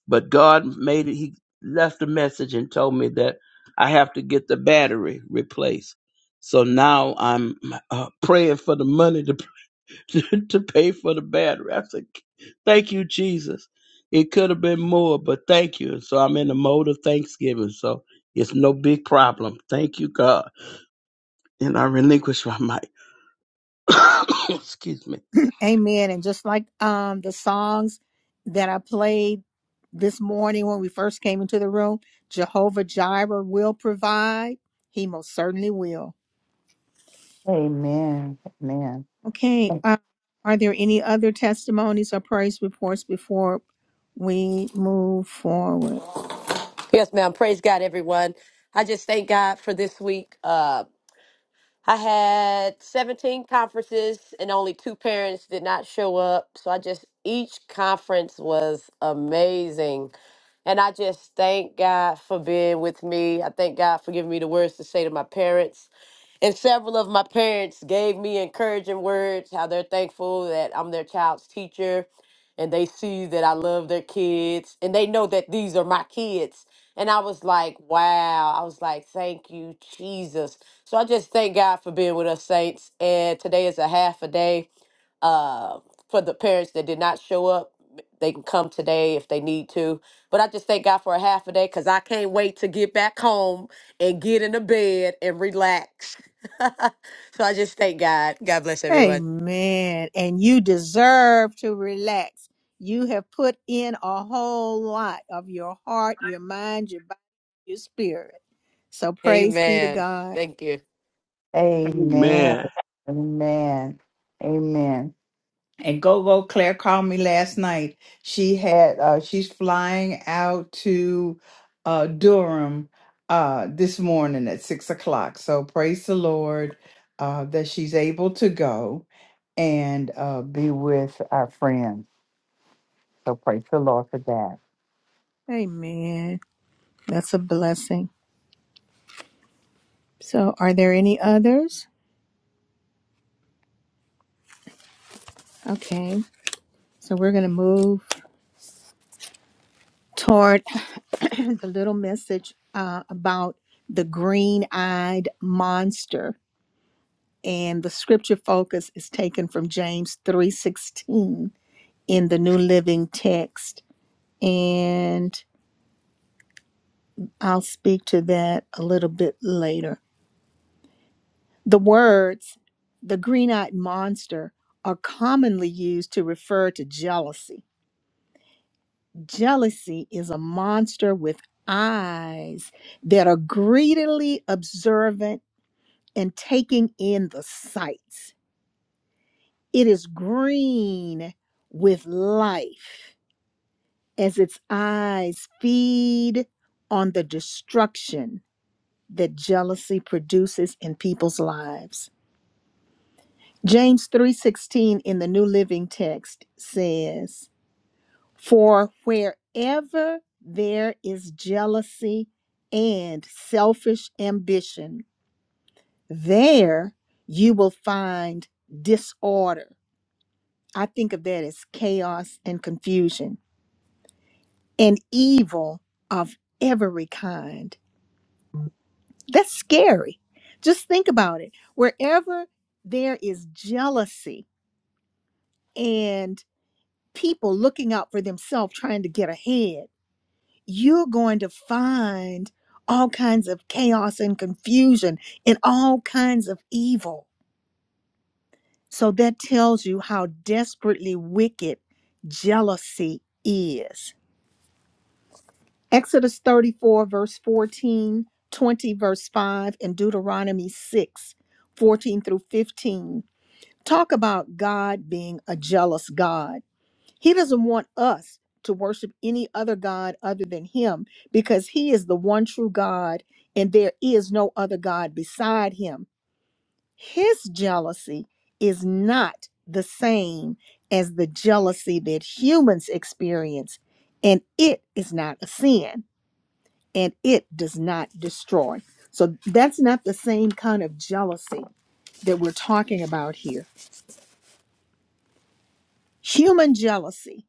But God made it, He left a message and told me that I have to get the battery replaced. So now I'm uh, praying for the money to to pay for the battery. I said, thank you, Jesus. It could have been more, but thank you. So I'm in the mode of thanksgiving. So it's no big problem. Thank you, God. And I relinquish my mic. Excuse me. Amen. And just like um the songs that I played this morning when we first came into the room, Jehovah Jireh will provide. He most certainly will. Amen. Amen. Okay. Uh, are there any other testimonies or praise reports before we move forward? Yes, ma'am. Praise God, everyone. I just thank God for this week. Uh, I had 17 conferences and only two parents did not show up. So I just, each conference was amazing. And I just thank God for being with me. I thank God for giving me the words to say to my parents. And several of my parents gave me encouraging words, how they're thankful that I'm their child's teacher and they see that I love their kids and they know that these are my kids. And I was like, wow. I was like, thank you, Jesus. So I just thank God for being with us, saints. And today is a half a day uh, for the parents that did not show up. They can come today if they need to. But I just thank God for a half a day because I can't wait to get back home and get in the bed and relax. so I just thank God. God bless everyone. Amen. And you deserve to relax. You have put in a whole lot of your heart, your mind, your body, your spirit. So praise be to Amen. God. Thank you. Amen. Amen. Amen. Amen. And go go Claire called me last night. She had uh she's flying out to uh Durham uh this morning at six o'clock. So praise the Lord uh that she's able to go and uh be with our friends. So praise the Lord for that. Amen. That's a blessing. So, are there any others? Okay. So, we're going to move toward the little message uh, about the green eyed monster. And the scripture focus is taken from James 3:16 in the New Living Text. And I'll speak to that a little bit later. The words, the green eyed monster, are commonly used to refer to jealousy Jealousy is a monster with eyes that are greedily observant and taking in the sights. It is green with life as its eyes feed on the destruction that jealousy produces in people's lives. James 3:16 in the New Living Text says, For wherever there is jealousy and selfish ambition, there you will find disorder. I think of that as chaos and confusion and evil of every kind. That's scary. Just think about it. Wherever there is jealousy and people looking out for themselves, trying to get ahead, you're going to find all kinds of chaos and confusion and all kinds of evil. So that tells you how desperately wicked jealousy is. Exodus 34, verse 14, 20, verse 5, and Deuteronomy 6, 14 through 15 talk about God being a jealous God. He doesn't want us to worship any other God other than Him because He is the one true God and there is no other God beside Him. His jealousy is not the same as the jealousy that humans experience, and it is not a sin and it does not destroy. So that's not the same kind of jealousy that we're talking about here. Human jealousy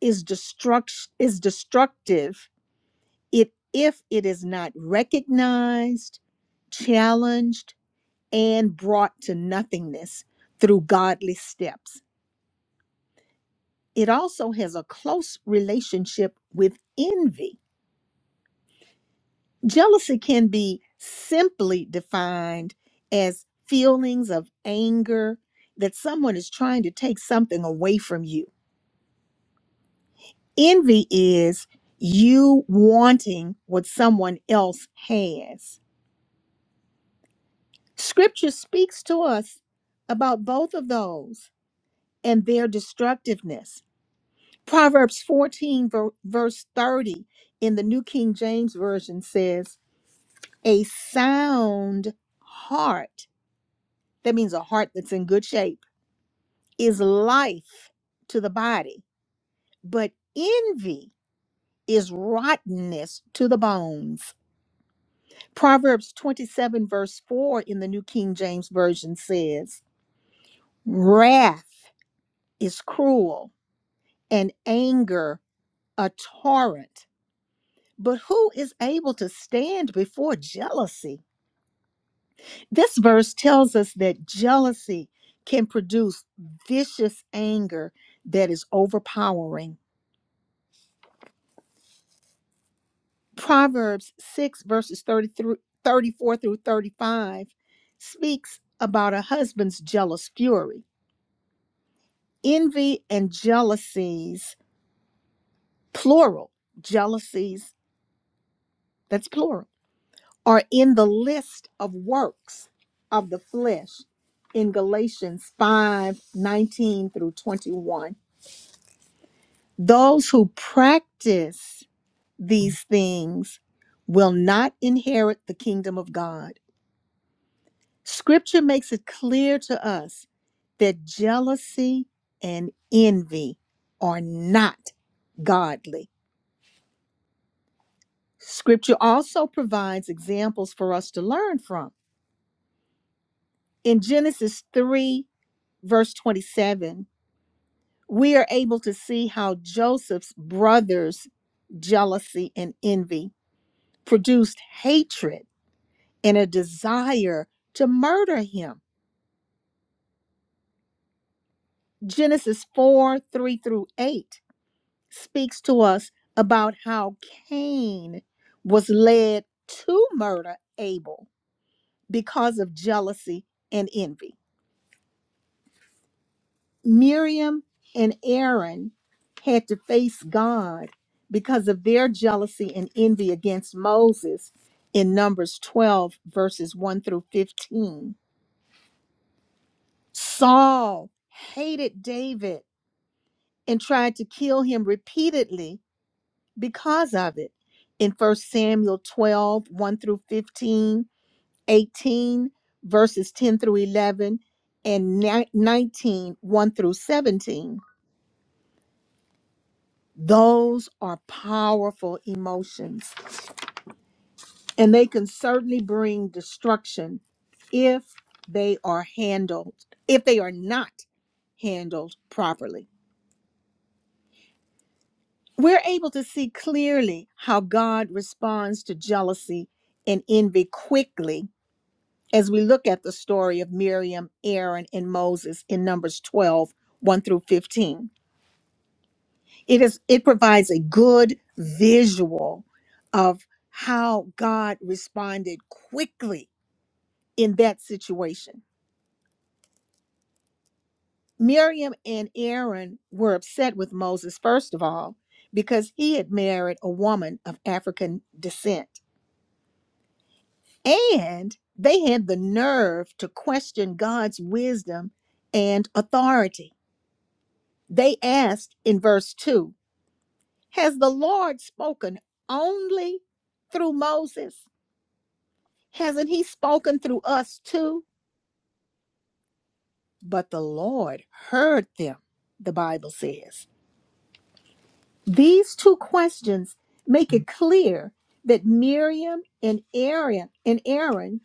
is destruct is destructive it if it is not recognized, challenged, and brought to nothingness through godly steps. It also has a close relationship with envy. Jealousy can be simply defined as feelings of anger that someone is trying to take something away from you. Envy is you wanting what someone else has Scripture speaks to us about both of those and their destructiveness. Proverbs 14, ver- verse 30 in the New King James Version says, A sound heart, that means a heart that's in good shape, is life to the body, but envy is rottenness to the bones. Proverbs 27, verse 4 in the New King James Version says, Wrath is cruel and anger a torrent. But who is able to stand before jealousy? This verse tells us that jealousy can produce vicious anger that is overpowering. Proverbs 6, verses 33, 34 through 35 speaks about a husband's jealous fury. Envy and jealousies, plural, jealousies, that's plural are in the list of works of the flesh in Galatians 5 19 through 21. Those who practice these things will not inherit the kingdom of God. Scripture makes it clear to us that jealousy and envy are not godly. Scripture also provides examples for us to learn from. In Genesis 3 verse 27, we are able to see how Joseph's brothers' jealousy and envy produced hatred and a desire to murder him. Genesis 4 3 through 8 speaks to us about how Cain was led to murder Abel because of jealousy and envy. Miriam and Aaron had to face God because of their jealousy and envy against Moses in Numbers 12, verses 1 through 15. Saul hated David and tried to kill him repeatedly because of it in 1 Samuel 12, 1 through 15, 18, verses 10 through 11, and ni- 19, 1 through 17. Those are powerful emotions, and they can certainly bring destruction if they are handled, if they are not handled properly. We're able to see clearly how God responds to jealousy and envy quickly as we look at the story of Miriam, Aaron, and Moses in Numbers twelve one through 15. It is it provides a good visual of how God responded quickly in that situation. Miriam and Aaron were upset with Moses first of all because he had married a woman of African descent and they had the nerve to question God's wisdom and authority. They asked in verse 2, "Has the Lord spoken only through Moses?" Hasn't he spoken through us too? But the Lord heard them, the Bible says. These two questions make it clear that Miriam and Aaron and Aaron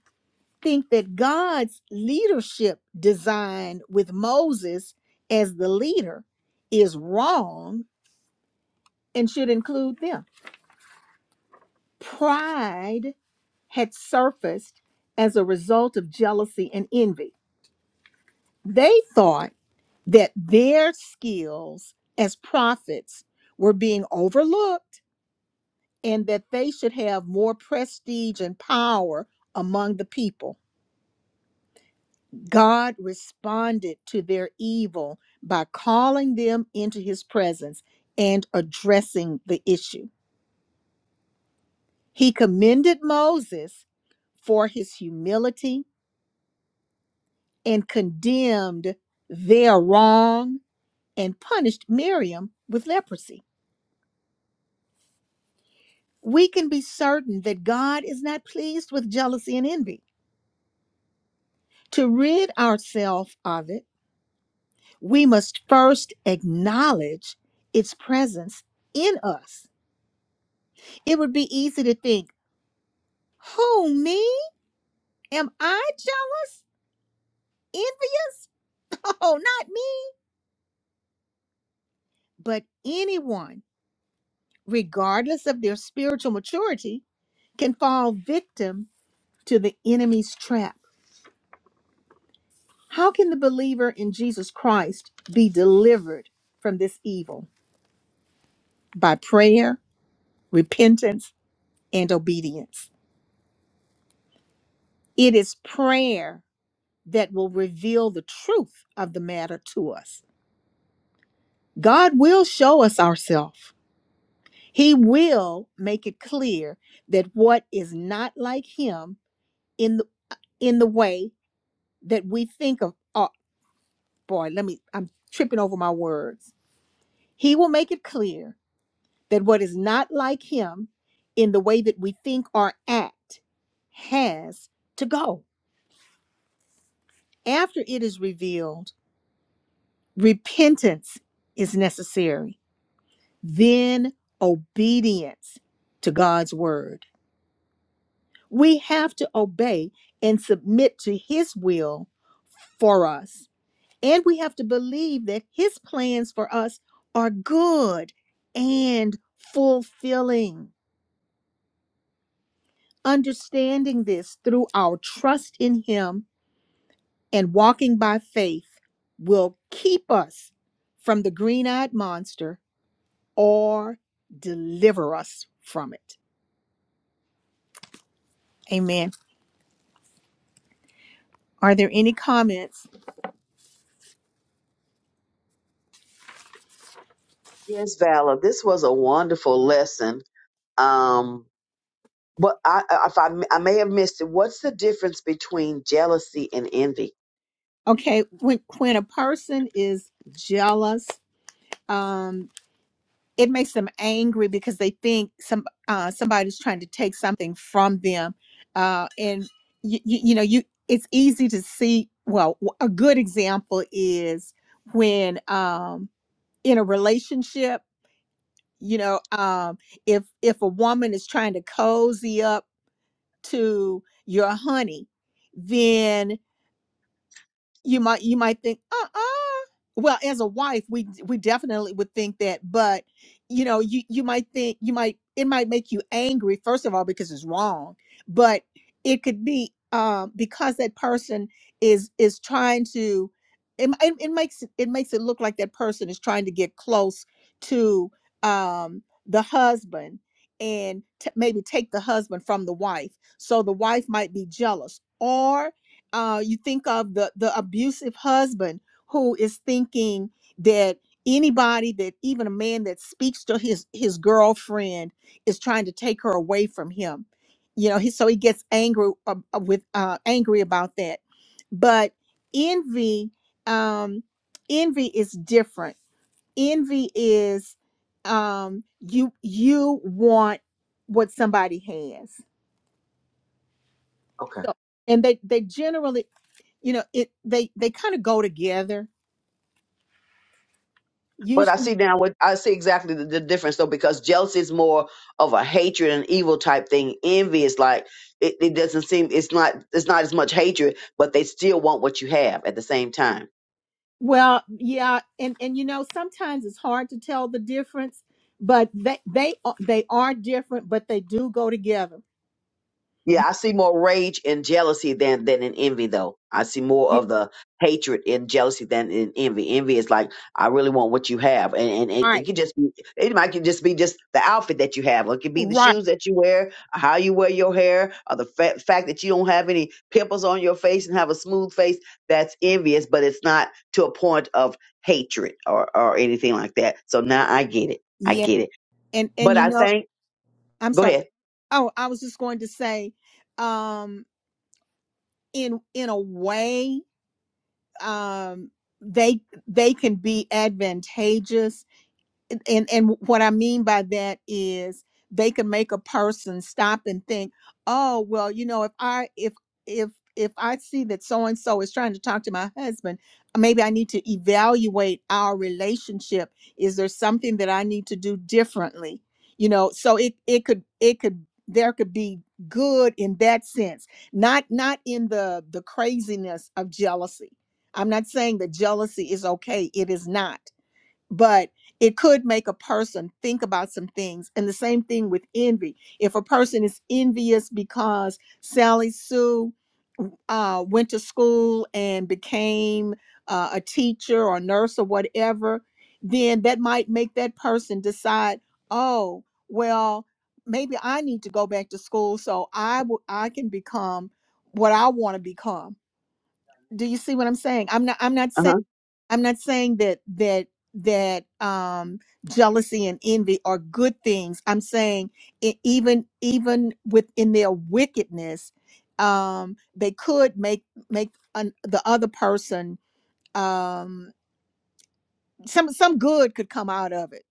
think that God's leadership design with Moses as the leader is wrong and should include them. Pride had surfaced as a result of jealousy and envy. They thought that their skills as prophets were being overlooked and that they should have more prestige and power among the people. God responded to their evil by calling them into his presence and addressing the issue. He commended Moses for his humility and condemned their wrong and punished Miriam with leprosy. we can be certain that God is not pleased with jealousy and envy. To rid ourselves of it, we must first acknowledge its presence in us. It would be easy to think, Who, me? Am I jealous? Envious? Oh, not me. But anyone, regardless of their spiritual maturity, can fall victim to the enemy's trap. How can the believer in Jesus Christ be delivered from this evil? By prayer, repentance, and obedience. It is prayer that will reveal the truth of the matter to us. God will show us ourselves. He will make it clear that what is not like him in the, in the way that we think of oh boy, let me I'm tripping over my words. He will make it clear that what is not like him in the way that we think or act has to go. After it is revealed, repentance is necessary, then obedience to God's word. We have to obey and submit to his will for us. And we have to believe that his plans for us are good and fulfilling. Understanding this through our trust in him and walking by faith will keep us from the green eyed monster or deliver us from it. Amen. Are there any comments? Yes, Valor. This was a wonderful lesson. Um, But I, I- if I, I may have missed it, what's the difference between jealousy and envy? Okay, when, when a person is jealous, um, it makes them angry because they think some uh, somebody's trying to take something from them, uh, and you, you, you know you it's easy to see. Well, a good example is when um, in a relationship you know um if if a woman is trying to cozy up to your honey then you might you might think uh-uh well as a wife we we definitely would think that but you know you you might think you might it might make you angry first of all because it's wrong but it could be um because that person is is trying to it, it, it makes it makes it look like that person is trying to get close to um the husband and t- maybe take the husband from the wife so the wife might be jealous or uh, you think of the the abusive husband who is thinking that anybody that even a man that speaks to his his girlfriend is trying to take her away from him you know he so he gets angry uh, uh, with uh, angry about that but envy um envy is different envy is um you you want what somebody has Okay. so and they they generally you know it they they kind of go together But I usually see now what I see exactly the, the difference though, because jealousy is more of a hatred and evil type thing. Envy is like it, it doesn't seem it's not it's not as much hatred, but they still want what you have at the same time. well yeah and and you know sometimes it's hard to tell the difference but they they are, they are different but they do go together Yeah, You- I see more rage and jealousy than than in envy, though. I see more yeah, of the hatred and jealousy than in envy. Envy is like I really want what you have, and and, and it right could just be it might could just be just the outfit that you have, or it could be the right shoes that you wear, how you wear your hair, or the fa- fact that you don't have any pimples on your face and have a smooth face. That's envious, but it's not to a point of hatred or or anything like that. So now I get it. I yeah get it. and and But you I know think i'm go sorry ahead. oh i was just going to say um in in a way um they they can be advantageous and and and what i mean by that is they can make a person stop and think oh well you know if i if if if i see that so and so is trying to talk to my husband maybe i need to evaluate our relationship is there something that i need to do differently you know so it it could it could there could be good in that sense not not in the the craziness of jealousy i'm not saying that jealousy is okay it is not but it could make a person think about some things. And the same thing with envy. If a person is envious because Sally Sue uh, went to school and became uh, a teacher or nurse or whatever, then that might make that person decide, oh, well, maybe I need to go back to school so I w- I can become what I want to become do you see what i'm saying i'm not i'm not Uh huh. saying i'm not saying that that that um jealousy and envy are good things i'm saying e- even even within their wickedness um they could make make an, the other person um some some good could come out of it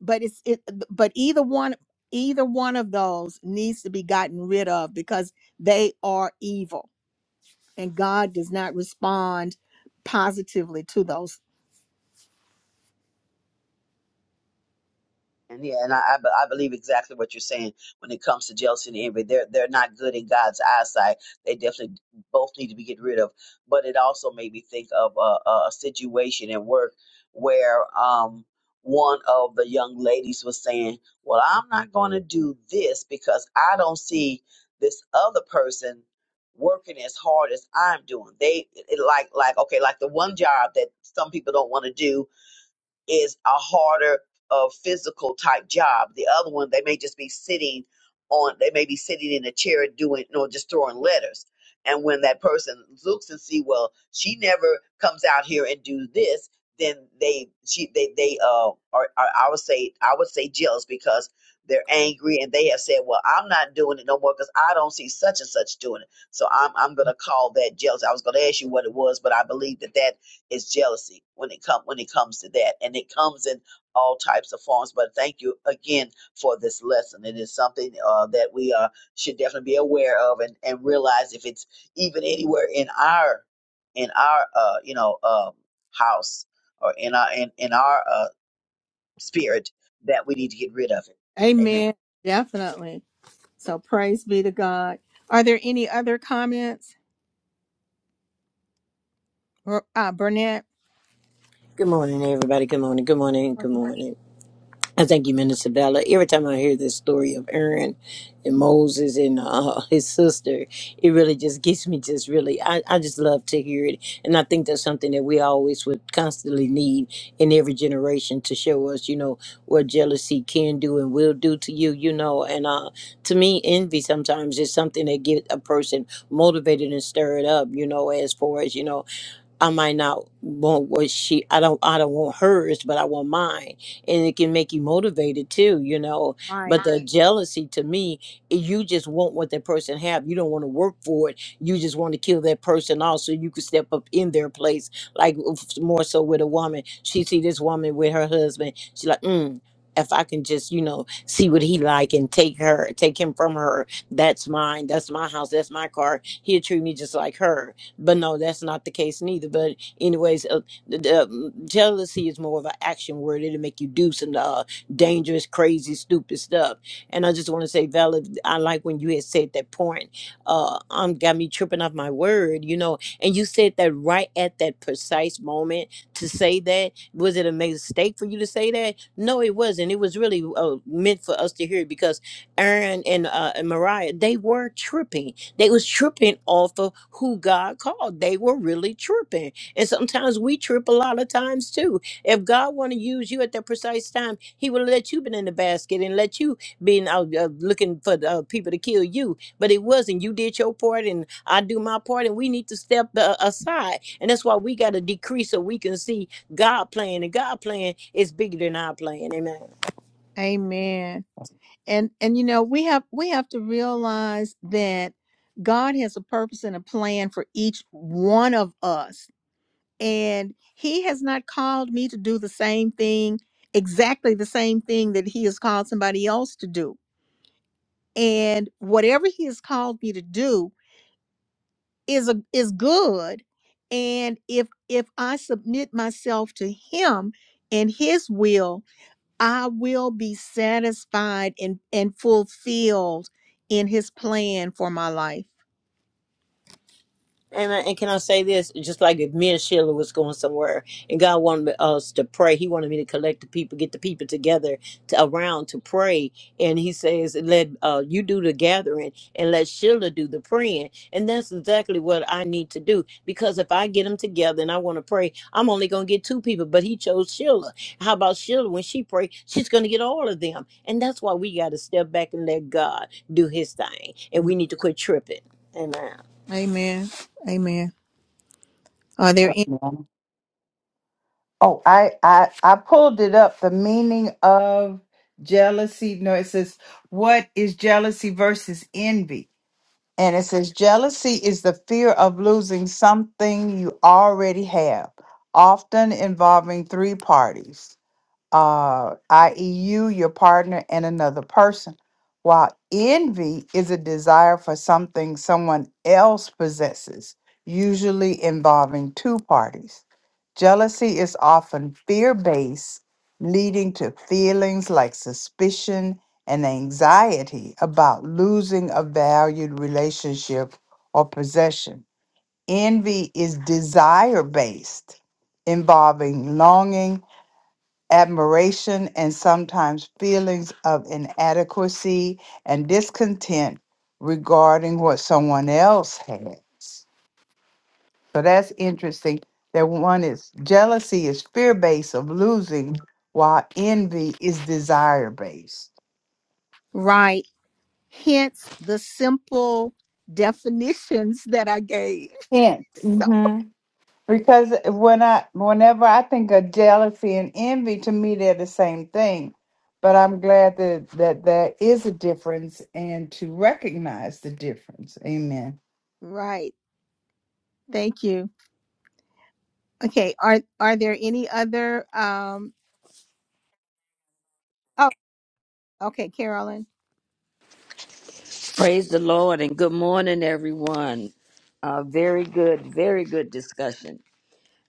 but it's it but either one either one of those needs to be gotten rid of because they are evil and God does not respond positively to those. And yeah, and I, I, be- I believe exactly what you're saying when it comes to jealousy and envy. They're they're not good in God's eyesight. They definitely both need to be get rid of. But it also made me think of a, a situation at work where um one of the young ladies was saying, "Well, I'm not going to do this because I don't see this other person." working as hard as i'm doing they it, like like okay like the one job that some people don't want to do is a harder uh, physical type job. The other one, they may just be sitting on, they may be sitting in a chair doing, you know, just throwing letters. And when that person looks and see, well, she never comes out here and do this, then they, she, they, they, uh, are, are I would say, I would say jealous because they're angry and they have said, well, I'm not doing it no more because I don't see such and such doing it. So I'm, I'm going to call that jealous. I was going to ask you what it was, but I believe that that is jealousy when it come when it comes to that and it comes in all types of forms but thank you again for this lesson it is something uh, that we uh, should definitely be aware of and, and realize if it's even anywhere in our in our uh, you know um, house or in our in, in our uh, spirit that we need to get rid of it amen Amen. Definitely. So praise be to God. Are there any other comments, Bur- uh, Burnett? Good morning, everybody. Good morning. Good morning. Good morning. I thank you, Minister Bella. Every time I hear this story of Aaron and Moses and uh, his sister, it really just gets me just really, I, I just love to hear it. And I think that's something that we always would constantly need in every generation to show us, you know, what jealousy can do and will do to you, you know. And uh, to me, envy sometimes is something that get a person motivated and stirred up, you know, as far as, you know, I might not want what she I don't I don't want hers, but I want mine. And it can make you motivated too, you know. But Right. the Right. jealousy to me, i- you just want what that person have. You don't want to work for it. You just want to kill that person off so you could step up in their place. Like f- more so with a woman. She see this woman with her husband. She like, mm, if I can just, you know, see what he like and take her, take him from her. That's mine. That's my house. That's my car. He'll treat me just like her but no, that's not the case neither. But anyways, uh, the, the, um, jealousy is more of an action word. It'll make you do some uh, dangerous, crazy, stupid stuff. And I just want to say, Vala, I like when you had said that point. Uh, um, got me tripping off my word, you know. And you said that right at that precise moment to say that. Was it a mistake for you to say that? No, it wasn't. It was really uh, meant for us to hear it because Aaron and uh, and Mariah, they were tripping they was tripping off of who God called. They were really tripping. And sometimes we trip a lot of times too. If God want to use you at that precise time, he will let you been in the basket and let you been out uh, looking for the, uh, people to kill you. But it wasn't. You did your part and I do my part and we need to step uh, aside. And that's why we got to decrease so we can see God plan. And God plan is bigger than our plan. Amen. Amen. And and you know, we have we have to realize that God has a purpose and a plan for each one of us. And he has not called me to do the same thing, exactly the same thing that he has called somebody else to do. and whatever he has called me to do is a, is good and if if i submit myself to him and his will i will be satisfied and and fulfilled in his plan for my life Amen. And can I say this? Just like if me and Sheila was going somewhere, and God wanted us to pray, He wanted me to collect the people, get the people together to, around to pray. And He says, "Let uh, you do the gathering, and let Sheila do the praying." And that's exactly what I need to do because if I get them together and I want to pray, I'm only going to get two people. But He chose Sheila. How about Sheila? When she pray, she's going to get all of them. And that's why we got to step back and let God do His thing, and we need to quit tripping. Amen. amen amen are there any Amen. Oh, I I I pulled it up. The meaning of jealousy. No, it says what is jealousy versus envy? And it says, jealousy is the fear of losing something you already have, often involving three parties, uh, i.e., you, your partner, and another person. While envy is a desire for something someone else possesses, usually involving two parties. Jealousy is often fear based, leading to feelings like suspicion and anxiety about losing a valued relationship or possession. Envy is desire based, involving longing, admiration, and sometimes feelings of inadequacy and discontent regarding what someone else has. So that's interesting. That one is jealousy is fear based of losing, while envy is desire based. right hence the simple definitions that i gave Hence, so hmm Because when I, whenever I think of jealousy and envy, to me they're the same thing. But I'm glad that that there is a difference and to recognize the difference. Amen. right thank you okay are are there any other um oh, Okay, Carolyn. Praise the Lord and good morning, everyone. Uh, very good, very good discussion.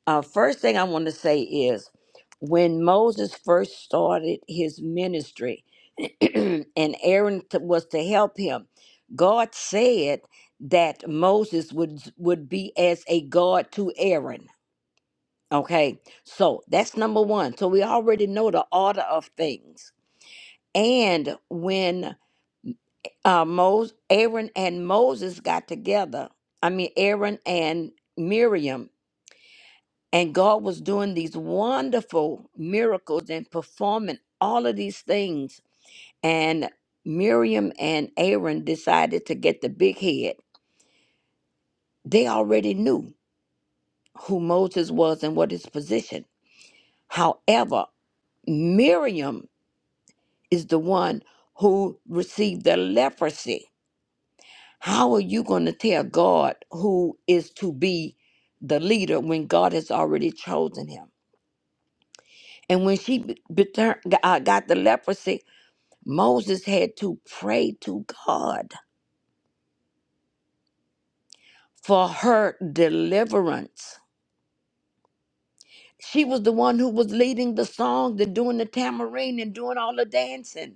Uh, first thing I want to say is when Moses first started his ministry and Aaron t- was to help him, God said that Moses would, would be as a God to Aaron. Okay, so that's number one. So we already know the order of things. And when uh, Moses, Aaron and Moses got together. I mean, Aaron and Miriam, and God was doing these wonderful miracles and performing all of these things. And Miriam and Aaron decided to get the big head. They already knew who Moses was and what his position. However, Miriam is the one who received the leprosy How are you going to tell God who is to be the leader when God has already chosen him? And when she be- betur- uh, got the leprosy, Moses had to pray to God for her deliverance. She was the one who was leading the songs and doing the tambourine and doing all the dancing.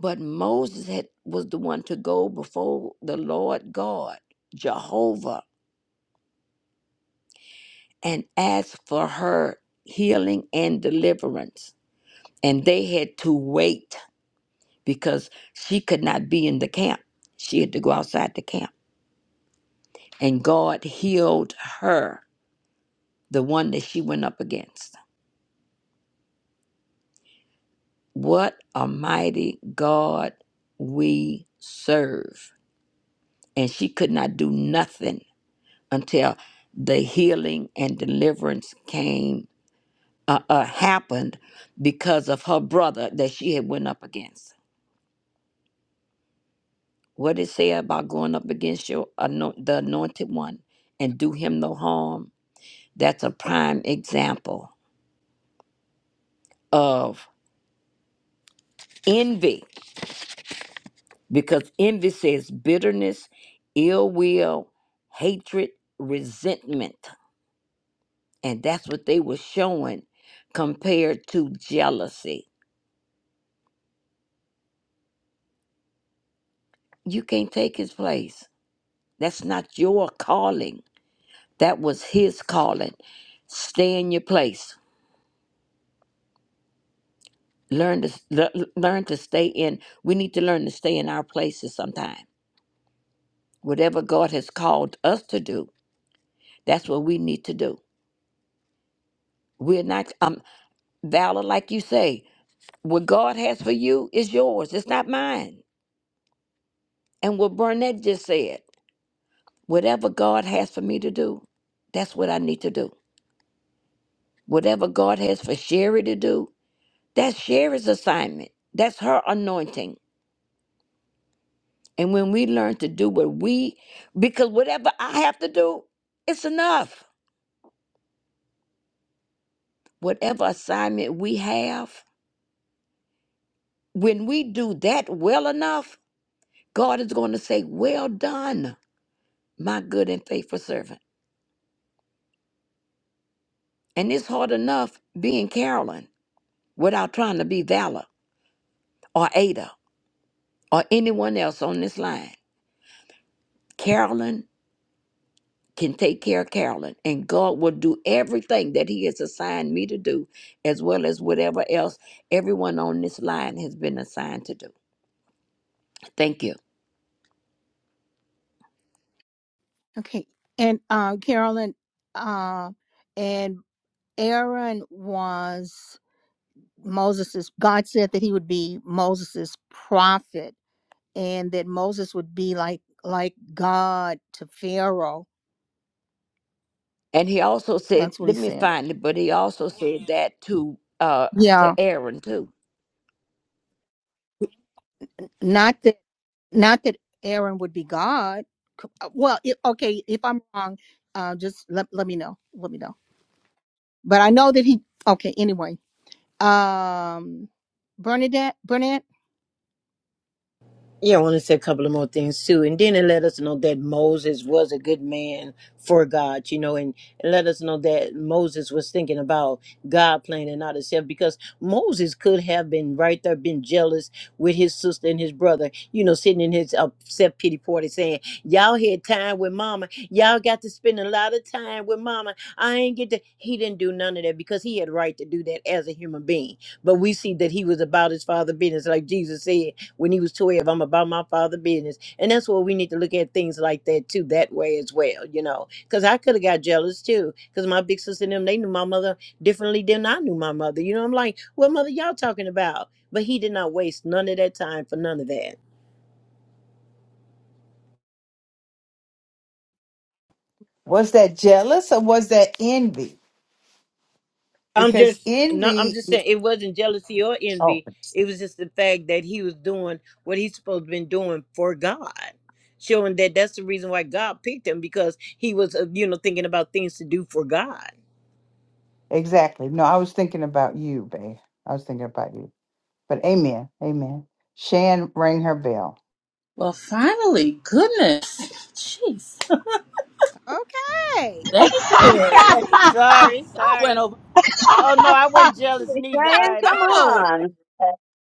But Moses had, was the one to go before the Lord God, Jehovah, and ask for her healing and deliverance. and they had to wait because she could not be in the camp. She had to go outside the camp. And God healed her, the one that she went up against. What a mighty God we serve. And she could not do nothing until the healing and deliverance came uh, uh, happened because of her brother that she had went up against What it say about going up against your anoint, the anointed one and do him no harm? That's a prime example of envy because envy says bitterness, ill will, hatred, resentment. And that's what they were showing compared to jealousy. You can't take his place. That's not your calling. That was his calling. Stay in your place learn to le- learn to stay in we need to learn to stay in our places sometime whatever god has called us to do that's what we need to do we're not um valor like you say what god has for you is yours it's not mine and what burnett just said whatever god has for me to do that's what i need to do whatever god has for sherry to do that's sherry's assignment that's her anointing And when we learn to do what we, because whatever I have to do, it's enough. Whatever assignment we have, when we do that well enough, God is going to say, Well done, my good and faithful servant. And it's hard enough being Carolyn without trying to be Valor or Ada or anyone else on this line. Carolyn can take care of Carolyn, and God will do everything that He has assigned me to do, as well as whatever else everyone on this line has been assigned to do. Thank you. Okay. And uh, Carolyn uh, and Aaron was Moses's God said that he would be Moses's prophet and that Moses would be like like God to Pharaoh. And He also said, That's what he let me said. find it, but He also said that to uh Yeah. to Aaron too. Not that not that Aaron would be God. C- uh, Well, if, okay, if I'm wrong, uh, just let, let me know. Let me know. But I know that he okay, anyway Um, Bernadette, Bernadette. Yeah, I want to say a couple of more things too. And then it let us know that Moses was a good man for God, you know, and it let us know that Moses was thinking about God playing and not himself because Moses could have been right there, been jealous with his sister and his brother, you know, sitting in his upset pity party saying, Y'all had time with mama. Y'all got to spend a lot of time with mama. I ain't get to. He didn't do none of that because he had right to do that as a human being. But we see that he was about his father business, like Jesus said when he was 12 i'm about my father business and that's where we need to look at things like that too that way as well you know because i could have got jealous too because my big sister and them they knew my mother differently than i knew my mother you know i'm like what mother y'all talking about but he did not waste none of that time for none of that Was that jealous or was that envy? i'm Because just not i'm envy. just saying it wasn't jealousy or Oh, envy it was just the fact that he was doing what he's supposed to been doing for god showing that that's the reason why god picked him because he was uh, you know thinking about things to do for god exactly. No, I was thinking about you, babe. I was thinking about you. But amen, amen. Shan rang her bell. Well, finally, goodness. Jeez. Okay, Thank you. Sorry, God went sorry. over. Oh no, I wasn't jealous neither. I All James, right. gotta come go. on.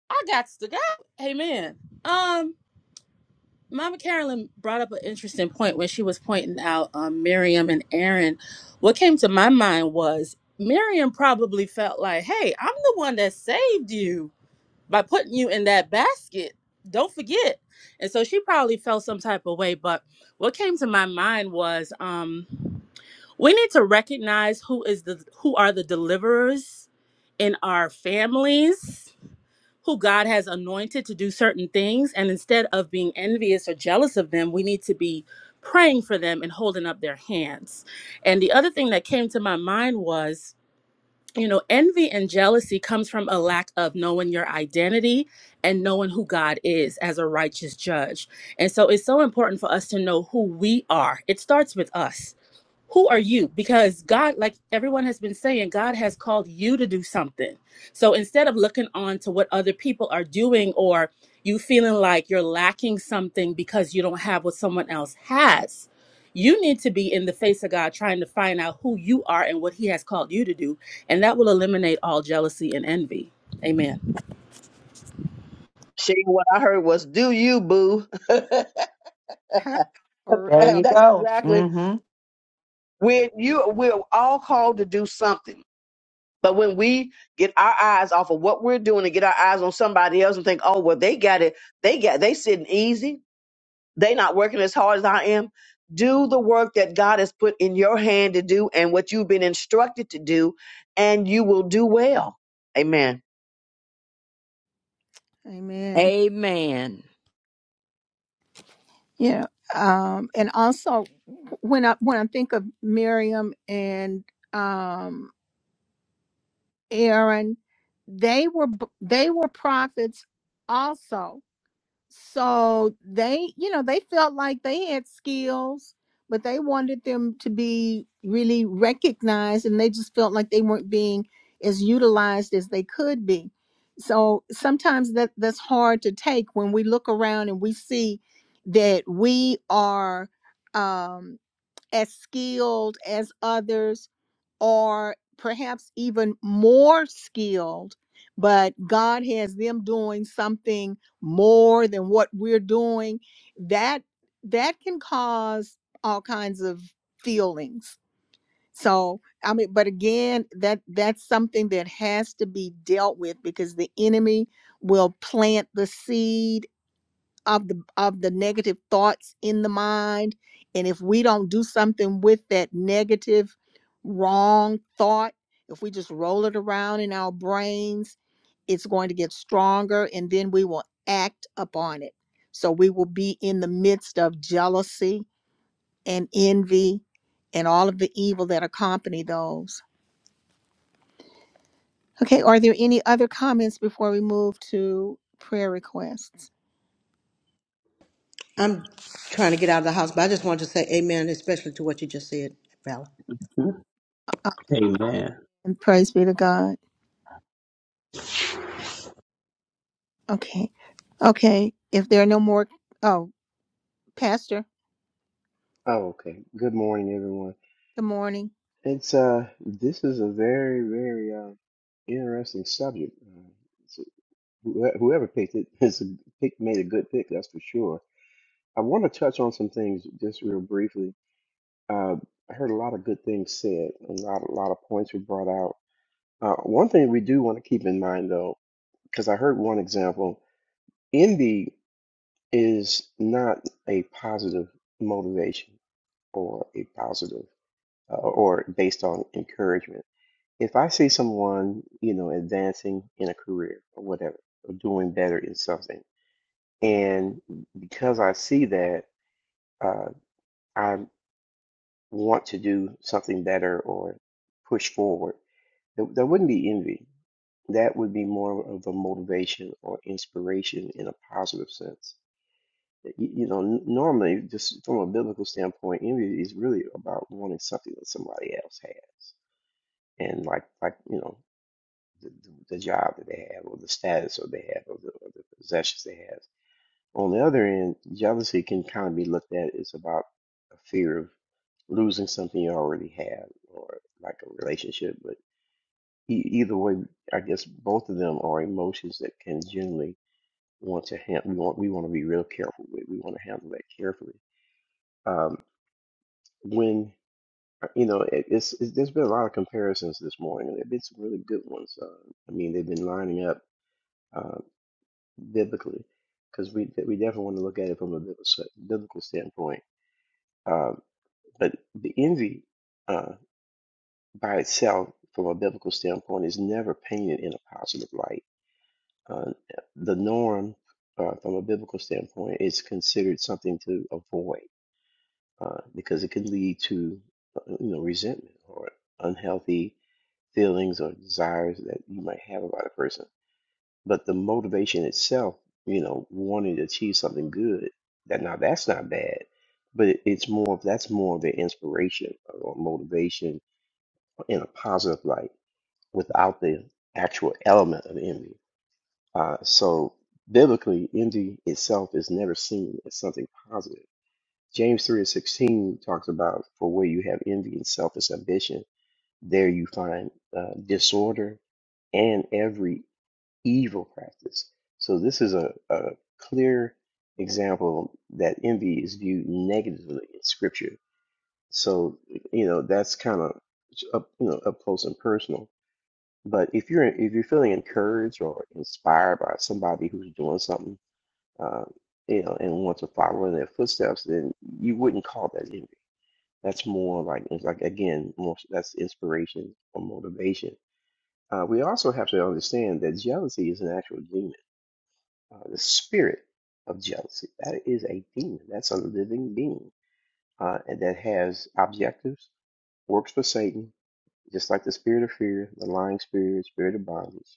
I got to go. Amen. Um, Mama Carolyn brought up an interesting point when she was pointing out um, Miriam and Aaron. What came to my mind was Miriam probably felt like, hey, I'm the one that saved you by putting you in that basket. Don't forget. And so she probably felt some type of way. But what came to my mind was um, we need to recognize who is the who are the deliverers in our families who God has anointed to do certain things. And instead of being envious or jealous of them, we need to be praying for them and holding up their hands. And the other thing that came to my mind was, you know, envy and jealousy comes from a lack of knowing your identity and knowing who God is as a righteous judge. And so it's so important for us to know who we are. It starts with us who are you? Because God, like everyone has been saying, God has called you to do something. So instead of looking on to what other people are doing or you feeling like you're lacking something because you don't have what someone else has, you need to be in the face of God trying to find out who you are and what He has called you to do. And that will eliminate all jealousy and envy. Amen. Shane, what I heard was "Do you, boo?" her for There you real. That's go. exactly Mm-hmm. We're you we're all called to do something. But when we get our eyes off of what we're doing and get our eyes on somebody else and think, oh well they got it, they got they sitting easy, they not working as hard as I am. Do the work that God has put in your hand to do and what you've been instructed to do, and you will do well. Amen. Amen. Amen. Yeah. Um, and also when I when I think of Miriam and um Aaron, they were they were prophets also. so they you know they felt like they had skills but they wanted them to be really recognized and they just felt like they weren't being as utilized as they could be so sometimes that that's hard to take when we look around and we see that we are um, as skilled as others or perhaps even more skilled but god has them doing something more than what we're doing that that can cause all kinds of feelings so i mean but again that that's something that has to be dealt with because the enemy will plant the seed of the of the negative thoughts in the mind and if we don't do something with that negative wrong thought if we just roll it around in our brains it's going to get stronger and then we will act upon it so we will be in the midst of jealousy and envy and all of the evil that accompany those okay are there any other comments before we move to prayer requests I'm trying to get out of the house, but I just wanted to say amen, especially to what you just said, Val. Uh, Amen. and praise be to god Okay. Okay. If there are no more, oh, Pastor, Oh, okay. Good morning, everyone. good morning. It's uh, this is a very, very uh, interesting subject. Uh, it's- whoe- whoever picked it has a pick, made a good pick, that's for sure. I want to touch on some things just real briefly. Uh, I heard a lot of good things said. A lot, a lot of points were brought out. Uh, one thing we do want to keep in mind, though, because I heard one example, envy is not a positive motivation or a positive uh, or based on encouragement if I see someone, you know, advancing in a career or whatever, or doing better in something, and because I see that, uh, I want to do something better or push forward, there, there wouldn't be envy. That would be more of a motivation or inspiration in a positive sense. You, you know, n- normally, just from a biblical standpoint, envy is really about wanting something that somebody else has. And like, like, you know, the, the, the job that they have or the status or they have or the, or the possessions they have. On the other end, jealousy can kind of be looked at as about a fear of losing something you already have or like a relationship. But e- either way, I guess both of them are emotions that can generally want to handle. We want we want to be real careful with. We want to handle that carefully. Um, when uh, you know, it, it's, it's there's been a lot of comparisons this morning, and there've been some really good ones. Uh, I mean, they've been lining up. uh, biblically, because we we definitely want to look at it from a biblical biblical standpoint. Um, but the envy uh, by itself, from a biblical standpoint, is never painted in a positive light. Uh, the norm, uh, from a biblical standpoint, is considered something to avoid uh, because it can lead to uh, you know resentment or unhealthy feelings or desires that you might have about a person But the motivation itself, you know, wanting to achieve something good, that now that's not bad. But it- it's more of that's more of the inspiration or motivation in a positive light without the actual element of envy. Uh, so biblically, envy itself is never seen as something positive. James 3 and 16 talks about for where you have envy and selfish ambition, there you find uh, disorder and every evil practice. So this is a, a clear example that envy is viewed negatively in Scripture. So you know that's kind of up, you know up close and personal. But if you're if you're feeling encouraged or inspired by somebody who's doing something, uh, you know, and want to follow in their footsteps, then you wouldn't call that envy. That's more like it's like again, more, that's inspiration or motivation. Uh, we also have to understand that jealousy is an actual demon uh, the spirit of jealousy. That is a demon. That's a living being, uh, and that has objectives, works for Satan, just like the spirit of fear, the lying spirit, spirit of bondage,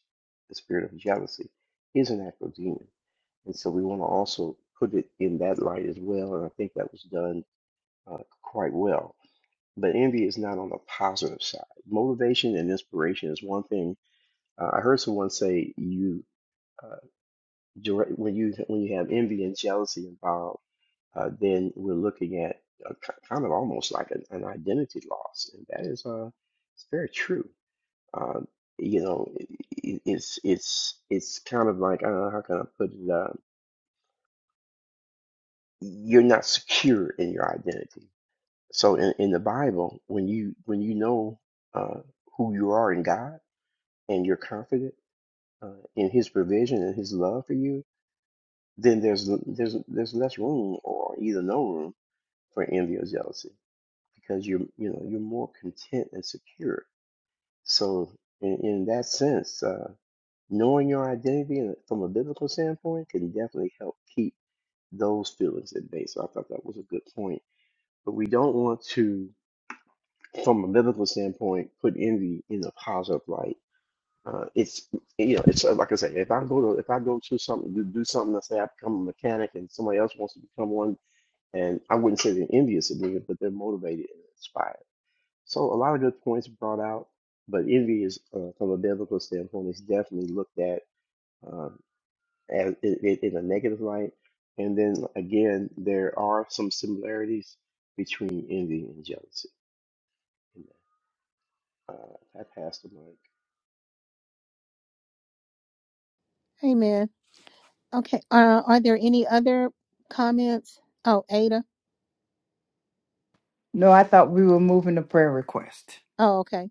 the spirit of jealousy is an actual demon. And so we want to also put it in that light as well. And I think that was done uh, quite well. But envy is not on the positive side. Motivation and inspiration is one thing. Uh, I heard someone say you uh, direct, when you when you have envy and jealousy involved uh, then we're looking at a, k- kind of almost like an, an identity loss, and that is uh, it's very true. Um, you know, i i- it's it's it's kind of like uh, how can I put it? Uh, you're not secure in your identity. So in, in the Bible, when you when you know uh, who you are in God and you're confident uh, in His provision and His love for you, then there's there's there's less room or either no room for envy or jealousy because you're you know you're more content and secure. So in, in that sense, uh, knowing your identity in a- from a biblical standpoint can definitely help keep those feelings at bay. So I thought that was a good point. But we don't want to, from a biblical standpoint, put envy in a positive light. Uh, it's you know it's uh, like I say if I go to if I go to something to do something let's say I become a mechanic and somebody else wants to become one and I wouldn't say they're envious of me but they're motivated and inspired So a lot of good points brought out, but envy is, uh, from a biblical standpoint, is definitely looked at um, as it, it, in a negative light. And then again, there are some similarities between envy and jealousy. Uh, I passed the mic. Amen. Okay. Uh, are there any other comments? Oh, Ada. No, I thought we were moving to prayer request. Oh, okay.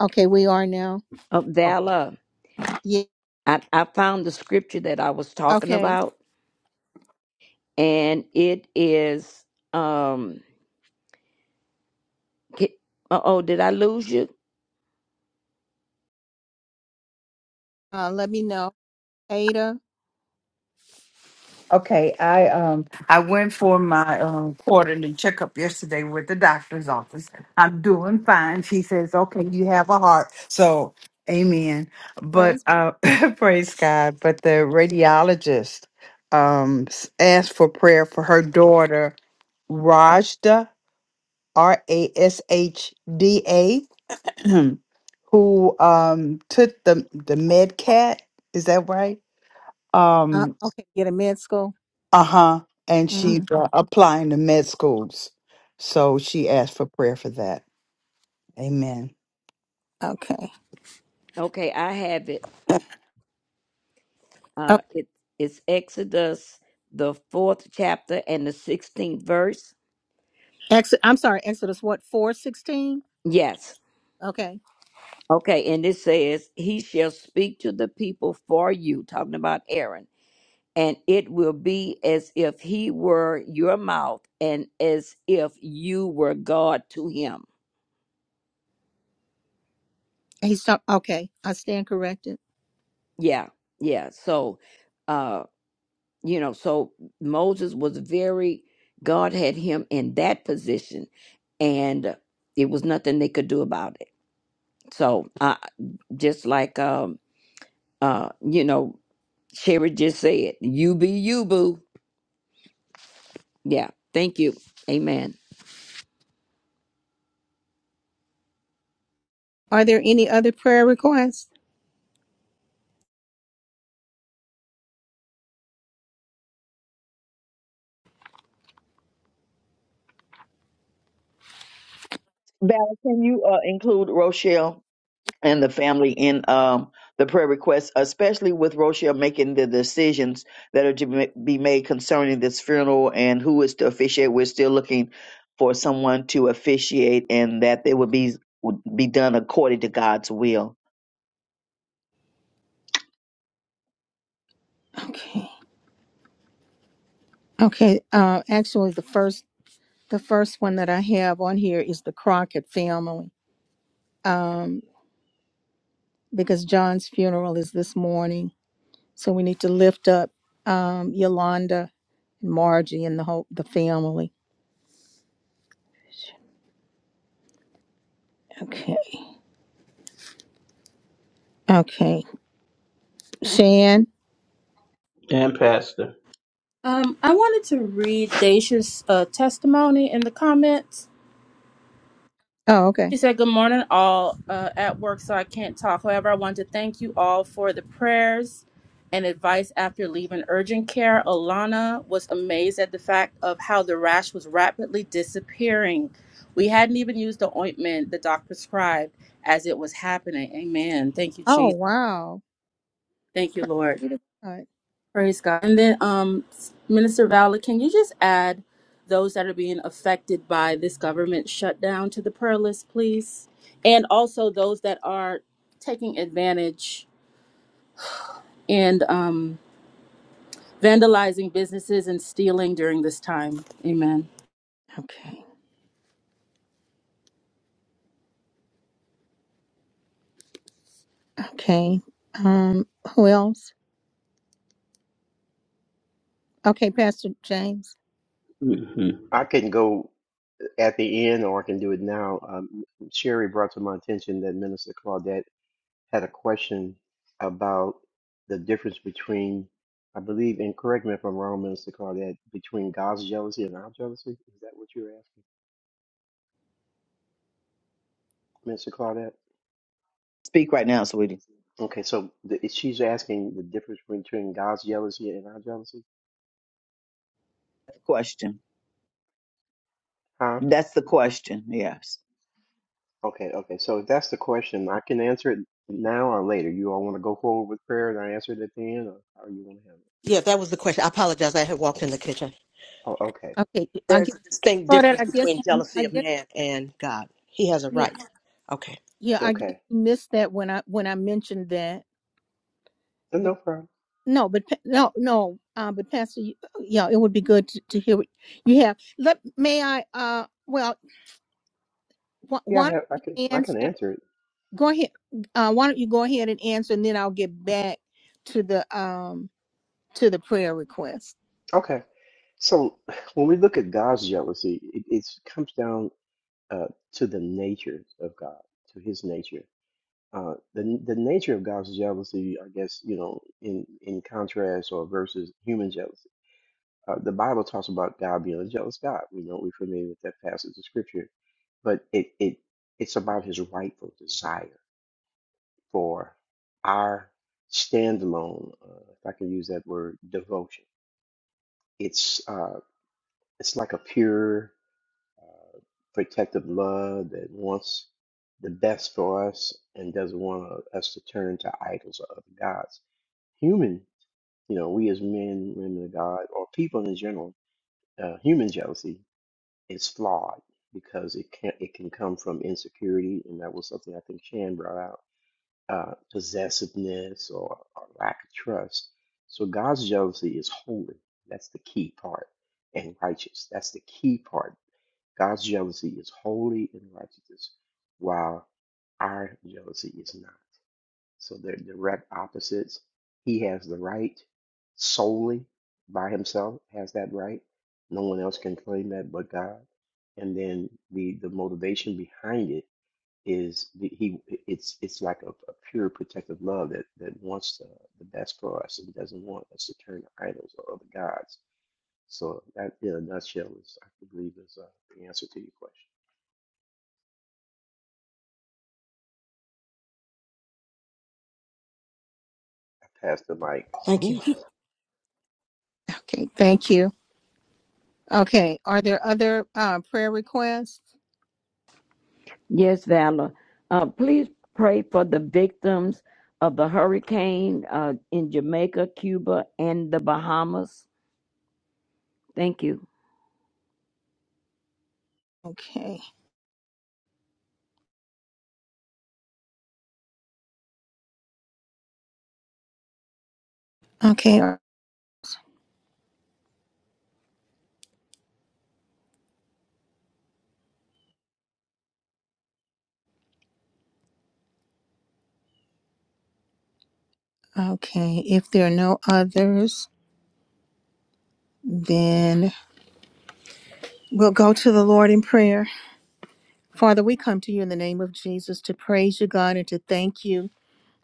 Okay. We are now. Of Yeah. I, I found the scripture that I was talking Okay. about, and it is um. Uh oh, did I lose you? Uh, let me know. Ada. Okay, I um I went for my um quarterly checkup yesterday with the doctor's office. I'm doing fine. She says, "Okay, you have a heart." So, amen. But Praise. uh praise God, but the radiologist um s- asked for prayer for her daughter Rajda R A S H D A who um took the the med cat is that right Uh, um okay. Get a med school. uh-huh and she's Mhm. uh, applying to med schools so she asked for prayer for that amen Okay. Okay, I have it. Oh, Uh, it's Exodus, the fourth chapter and the 16th verse. ex- I'm sorry. Exodus what? 416? Yes. Okay. Okay. And it says, He shall speak to the people for you, talking about Aaron, and it will be as if he were your mouth and as if you were God to him. He's talk- okay. I stand corrected. Yeah. Yeah. So, uh, you know, so Moses was very, God had him in that position, and it was nothing they could do about it. So I just like um uh you know Sherry just said, you be you boo. Yeah, thank you. Amen. Are there any other prayer requests? Val, can you uh, include Rochelle? and the family in um, the prayer requests, especially with Rochelle making the decisions that are to ma- be made concerning this funeral and who is to officiate. We're still looking for someone to officiate and that they would be would be done according to God's will. Okay. Okay, uh, actually, the first the first one that I have on here is the Crockett family because John's funeral is this morning, so we need to lift up um, Yolanda and Margie and the whole the family. Okay, okay, Shan. And Pastor. Um, I wanted to read Daisha's uh, testimony in the comments. Oh, okay. She said, Good morning, all uh, at work, so I can't talk. However, I want to thank you all for the prayers and advice after leaving urgent care. Alana was amazed at the fact of how the rash was rapidly disappearing. We hadn't even used the ointment the doc prescribed as it was happening. Amen. Thank you, Oh, Jesus. wow. Thank you, Praise Lord. be to God. Praise God. And then, um, Minister Vala, can you just add those that are being affected by this government shutdown to the prayer list, please? And also those that are taking advantage and um, vandalizing businesses and stealing during this time. Amen. Okay, okay. Um, who else? Okay, Pastor James. hmm I can go at the end, or I can do it now. Um, Sherry brought to my attention that Minister Claudette had a question about the difference between, I believe, and correct me if I'm wrong, Minister Claudette, between God's jealousy and our jealousy. Is that what you were asking, Minister Claudette? Speak right now, sweetie. Okay, so the, she's asking the difference between God's jealousy and our jealousy, That's the question. huh? That's the question. Yes. Okay, okay. So if that's the question, I can answer it now or later. You all want to go forward with prayer and I answer it at the end, or how you want to have it? Yeah, that was the question. I apologize. I had walked in the kitchen. Oh, okay, Okay, I There's guess. a distinct Oh, difference I guess between you. jealousy I of guess. man and God. He has a yeah. right. Okay. Yeah, I guess okay. you missed that when I when I mentioned that. No But no problem. no, but pa- no, no. Uh, but Pastor, you, uh, yeah, it would be good to, to hear what you have. Let may I? Uh, well, wh- Yeah, I why don't have. I can. you I can answer? answer it. Go ahead. Uh, why don't you go ahead and answer, and then I'll get back to the um to the prayer request. Okay. So when we look at God's jealousy, it, it comes down uh, to the nature of God, to His nature. Uh, the the nature of God's jealousy, I guess, you know, in in contrast or versus human jealousy. Uh, the Bible talks about God being a jealous God. We know we're familiar with that passage of Scripture, but it it it's about His rightful desire for our standalone, uh, if I can use that word, devotion. It's uh, it's like a pure protective love that wants the best for us and doesn't want us to turn to idols or other gods. Human, you know, we as men, women of God, or people in general, uh, human jealousy is flawed because it can it can come from insecurity, and that was something I think Shan brought out, uh, possessiveness or, or lack of trust. So God's jealousy is holy. That's the key part, and righteous. That's the key part God's jealousy is holy and righteous, while our jealousy is not. So they're direct opposites. He has the right solely by himself, has that right. No one else can claim that but God. And then the the motivation behind it is the, he it's it's like a, a pure protective love that that wants the, the best for us and doesn't want us to turn to idols or other gods. So that in a nutshell is I believe is uh, the answer to your question. I passed the mic. thank you. Okay, thank you. Okay, are there other uh, prayer requests? Yes, Valor. Uh please pray for the victims of the hurricane uh in Jamaica, Cuba, and the Bahamas. Thank you. Okay, okay, uh, okay. If there are no others, then we'll go to the Lord in prayer. Father, we come to you in the name of Jesus to praise you, God, and to thank you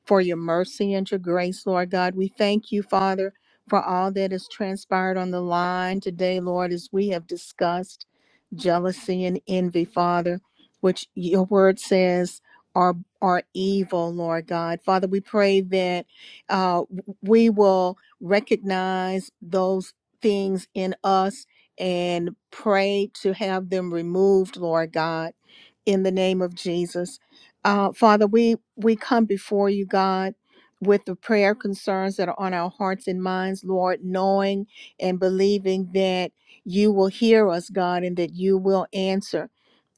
for your mercy and your grace, Lord God. We thank you, Father, for all that has transpired on the line today, Lord, as we have discussed jealousy and envy, Father, which your word says are are evil, Lord God. Father, we pray that uh, we will recognize those things in us and pray to have them removed, Lord God in the name of Jesus. Uh, Father, we, we come before you, God, with the prayer concerns that are on our hearts and minds, Lord, knowing and believing that you will hear us, God, and that you will answer.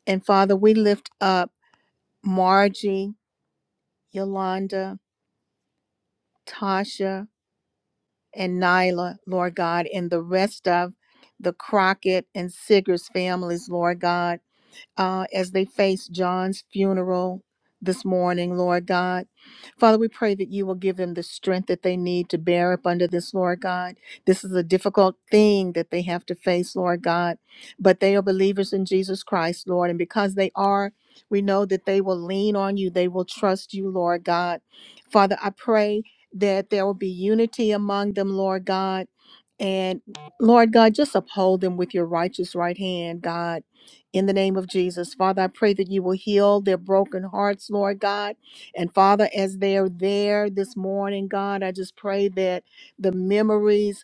And Father, we lift up Margie, Yolanda, Tasha, and Nyla, Lord God, and the rest of the Crockett and Siggers families, Lord God. uh, as they face John's funeral this morning, Lord God. Father, we pray that you will give them the strength that they need to bear up under this, Lord God. This is a difficult thing that they have to face, Lord God, but they are believers in Jesus Christ, Lord, and because they are, we know that they will lean on you, they will trust you, Lord God. Father, I pray that there will be unity among them, Lord God and Lord God, just uphold them with your righteous right hand, God, in the name of Jesus. Father, I pray that you will heal their broken hearts, Lord God. And Father, as they're there this morning, God, I just pray that the memories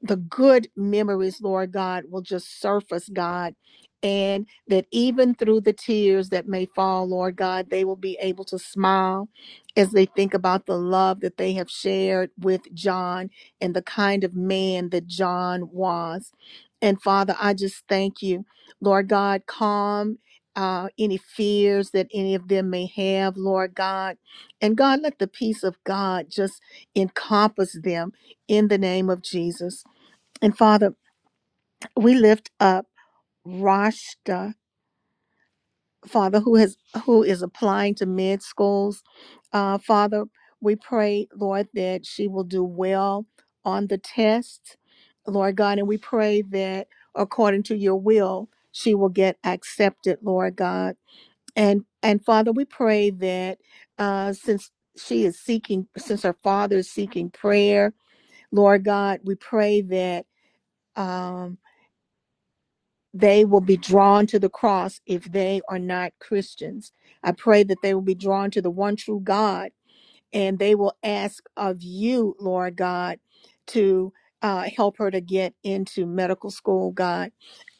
the good memories, Lord God, will just surface, God. And that even through the tears that may fall, Lord God, they will be able to smile as they think about the love that they have shared with John and the kind of man that John was. And Father, I just thank you, Lord God, calm. Uh, any fears that any of them may have, Lord God. And God, let the peace of God just encompass them in the name of Jesus. And Father, we lift up Rashta, Father, who has who is applying to med schools. Uh, Father, we pray, Lord, that she will do well on the test, Lord God, and we pray that according to your will, she will get accepted, Lord God. And and Father, we pray that uh, since she is seeking, since her father is seeking prayer, Lord God, we pray that um, they will be drawn to the cross if they are not Christians. I pray that they will be drawn to the one true God and they will ask of you, Lord God, to uh, help her to get into medical school, God.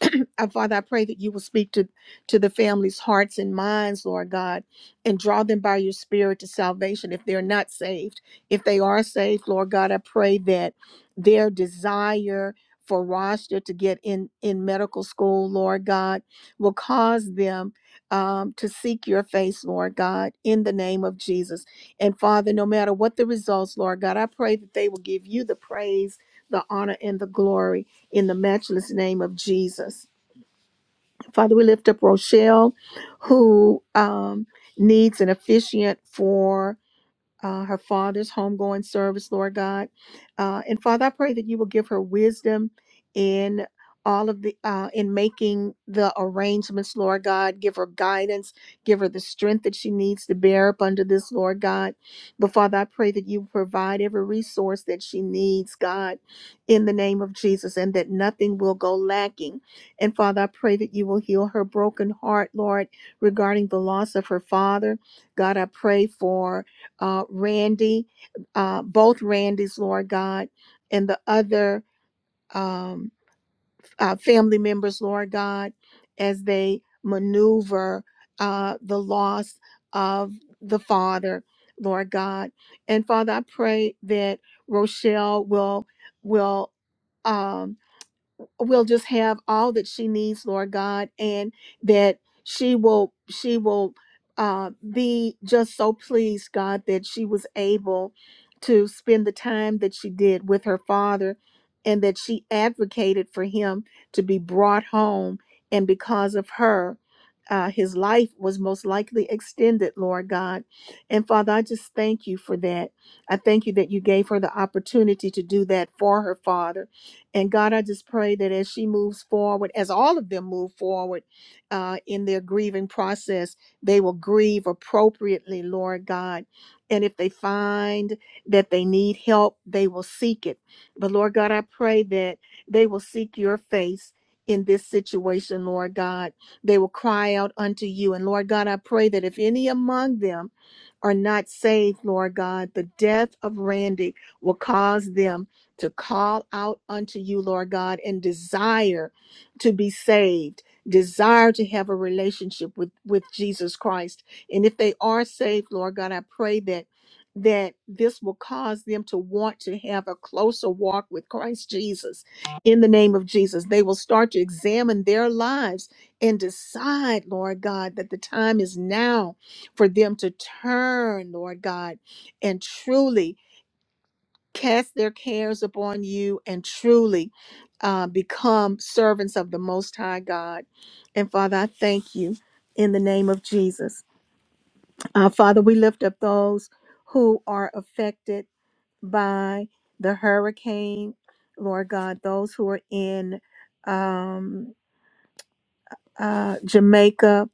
Uh, Father, I pray that you will speak to, to the families' hearts and minds, Lord God, and draw them by your spirit to salvation if they're not saved. If they are saved, Lord God, I pray that their desire for Rashta to get in, in medical school, Lord God, will cause them um, to seek your face, Lord God, in the name of Jesus. And Father, no matter what the results, Lord God, I pray that they will give you the praise, the honor, and the glory in the matchless name of Jesus. Father, we lift up Rochelle, who um, needs an officiant for uh, her father's homegoing service, Lord God. Uh, and Father, I pray that you will give her wisdom in all of the uh, in making the arrangements, Lord God. Give her guidance, give her the strength that she needs to bear up under this, Lord God. But Father, I pray that you provide every resource that she needs, God, in the name of Jesus, and that nothing will go lacking. And Father, I pray that you will heal her broken heart, Lord, regarding the loss of her father. God, I pray for uh, Randy, uh, both Randys, Lord God, and the other um, uh, family members, Lord God, as they maneuver uh, the loss of the father, Lord God. And Father, I pray that Rochelle will will um, will just have all that she needs, Lord God, and that she will she will uh, be just so pleased, God, that she was able to spend the time that she did with her father, and that she advocated for him to be brought home, and because of her. Uh, his life was most likely extended, Lord God. And Father, I just thank you for that. I thank you that you gave her the opportunity to do that for her father and God, I just pray that as she moves forward, as all of them move forward uh, in their grieving process, they will grieve appropriately, Lord God. And if they find that they need help, they will seek it. But Lord God, I pray that they will seek your face in this situation, Lord God. They will cry out unto you. And Lord God, I pray that if any among them are not saved, Lord God, the death of Randy will cause them to call out unto you, Lord God, and desire to be saved, desire to have a relationship with, with Jesus Christ. And if they are saved, Lord God, I pray that that this will cause them to want to have a closer walk with Christ Jesus in the name of Jesus. They will start to examine their lives and decide, Lord God, that the time is now for them to turn, Lord God, and truly cast their cares upon you and truly uh, become servants of the Most High God. And Father, I thank you in the name of Jesus. Uh, Father, we lift up those who are affected by the hurricane, Lord God, those who are in um, uh, Jamaica,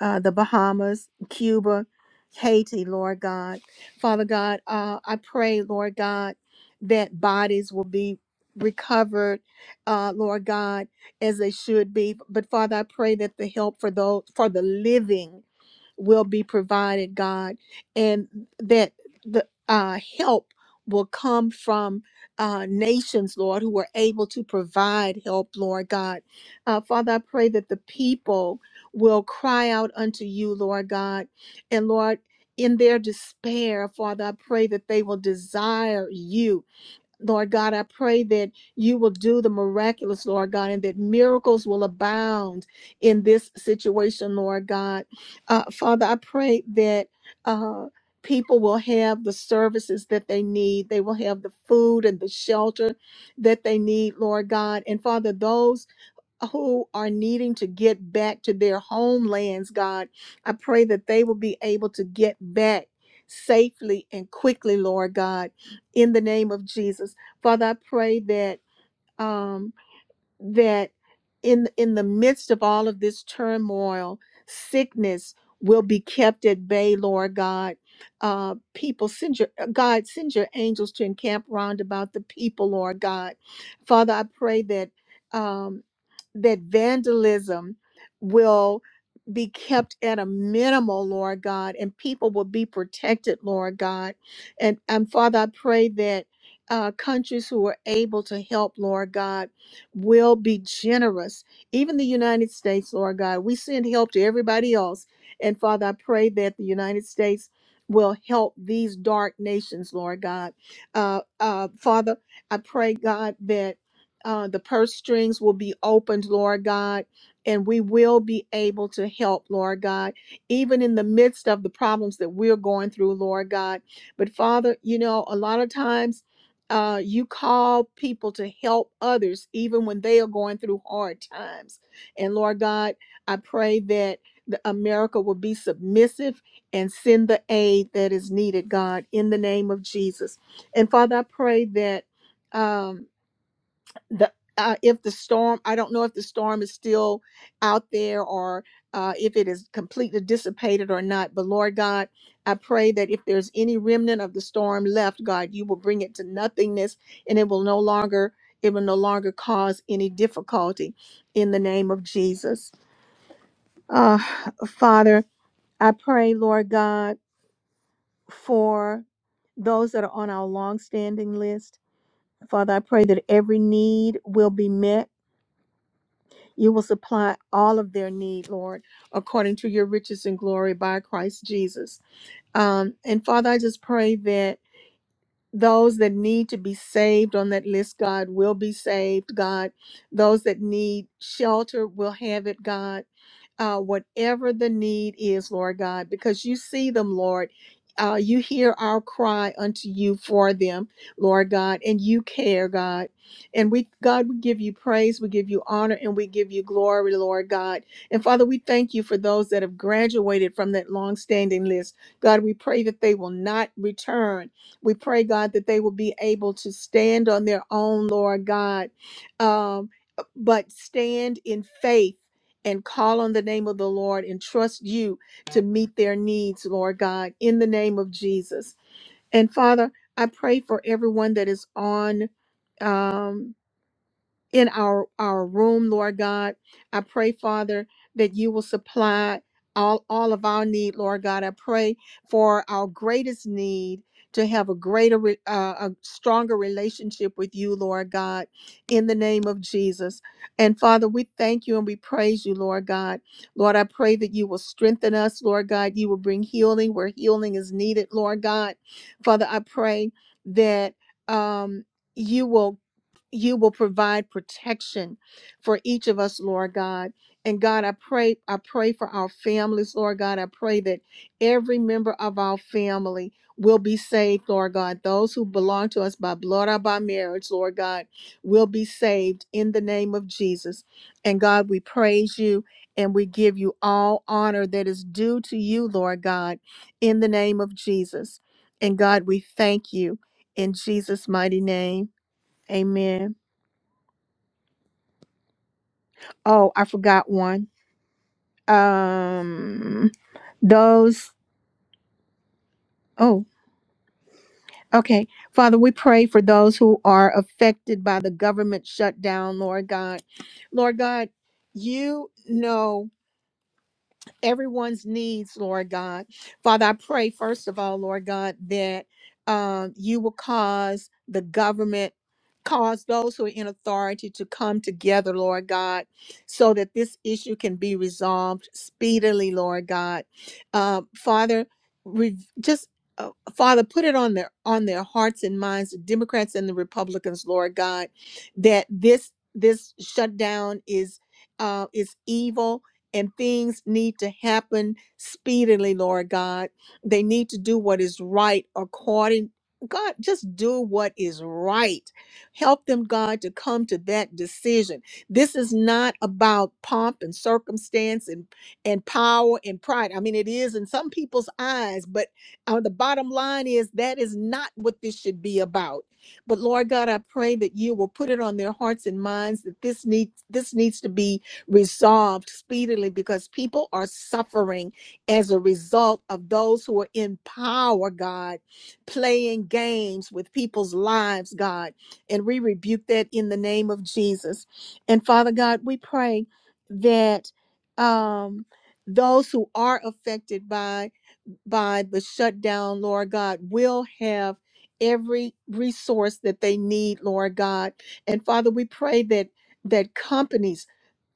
uh, the Bahamas, Cuba, Haiti, Lord God. Father God, uh, I pray, Lord God, that bodies will be recovered, uh, Lord God, as they should be. But Father, I pray that the help for those for the living will be provided, God, and that the uh, help will come from uh, nations, Lord, who are able to provide help, Lord God. Uh, Father, I pray that the people will cry out unto you, Lord God, and Lord, in their despair, Father, I pray that they will desire you Lord God, I pray that you will do the miraculous, Lord God, and that miracles will abound in this situation, Lord God. Uh, Father, I pray that uh, people will have the services that they need. They will have the food and the shelter that they need, Lord God. And Father, those who are needing to get back to their homelands, God. I pray that they will be able to get back safely and quickly, Lord God, in the name of Jesus. Father, I pray that um that in in the midst of all of this turmoil, sickness will be kept at bay, Lord God. Uh people send your uh, God, send your angels to encamp round about the people, Lord God. Father, I pray that Um, that vandalism will be kept at a minimal, Lord God, and people will be protected, Lord God. And, and Father, I pray that uh, countries who are able to help, Lord God, will be generous. Even the United States, Lord God, we send help to everybody else. And Father, I pray that the United States will help these dark nations, Lord God. Uh, uh, Father, I pray, God, that uh, the purse strings will be opened, Lord God, and we will be able to help, Lord God, even in the midst of the problems that we're going through, Lord God. But Father, you know, a lot of times uh, you call people to help others, even when they are going through hard times. And Lord God, I pray that. the- America will be submissive and send the aid that is needed, God, in the name of Jesus. And Father, I pray that um, the uh, if the storm i don't know if the storm is still out there or uh, if it is completely dissipated or not but lord god i pray that if there's any remnant of the storm left god you will bring it to nothingness and it will no longer it will no longer cause any difficulty in the name of jesus uh, father i pray lord god for those that are on our long-standing list father i pray that every need will be met You will supply all of their need, Lord, according to your riches and glory by Christ Jesus. Um, and Father, I just pray that those that need to be saved on that list, God, will be saved, God. Those that need shelter will have it, God uh, whatever the need is, Lord God, because you see them, Lord. Uh, you hear our cry unto you for them, Lord God, and you care, God. And we, God, we give you praise, we give you honor, and we give you glory, Lord God. And Father, we thank you for those that have graduated from that long-standing list. God, we pray that they will not return. We pray, God, that they will be able to stand on their own, Lord God, um, but stand in faith and call on the name of the Lord and trust you to meet their needs, Lord God, in the name of Jesus. And Father, I pray for everyone that is on. um, in our our room lord god i pray father that you will supply all all of our need lord god i pray for our greatest need to have a greater re- uh, a stronger relationship with you lord god in the name of jesus and father we thank you and we praise you lord god lord i pray that you will strengthen us lord god you will bring healing where healing is needed lord god father i pray that um you will you will provide protection for each of us, Lord God. And God, I pray, I pray for our families, Lord God. I pray that every member of our family will be saved, Lord God. Those who belong to us by blood or by marriage, Lord God, will be saved in the name of Jesus. And God, we praise you and we give you all honor that is due to you, Lord God, in the name of Jesus. And God, we thank you in Jesus' mighty name. Amen. Oh, I forgot one. Um, those. Oh, okay. Father, we pray for those who are affected by the government shutdown, Lord God. Lord God, you know. everyone's needs, Lord God. Father, I pray, first of all, Lord God, that um, you will cause the government, cause those who are in authority to come together, Lord God, so that this issue can be resolved speedily, Lord God. Uh, Father, re- just uh, Father, put it on their on their hearts and minds, the Democrats and the Republicans, Lord God, that this this shutdown is uh, is evil and things need to happen speedily, Lord God. They need to do what is right according God, just do what is right. Help them, God, to come to that decision. This is not about pomp and circumstance and, and power and pride. I mean, it is in some people's eyes, but uh, the bottom line is that is not what this should be about. But Lord God, I pray that you will put it on their hearts and minds that this needs this needs to be resolved speedily because people are suffering as a result of those who are in power, God, playing games with people's lives, God. And we rebuke that in the name of Jesus. And Father God, we pray that um, those who are affected by by the shutdown, Lord God, will have every resource that they need, Lord God. And Father, we pray that that companies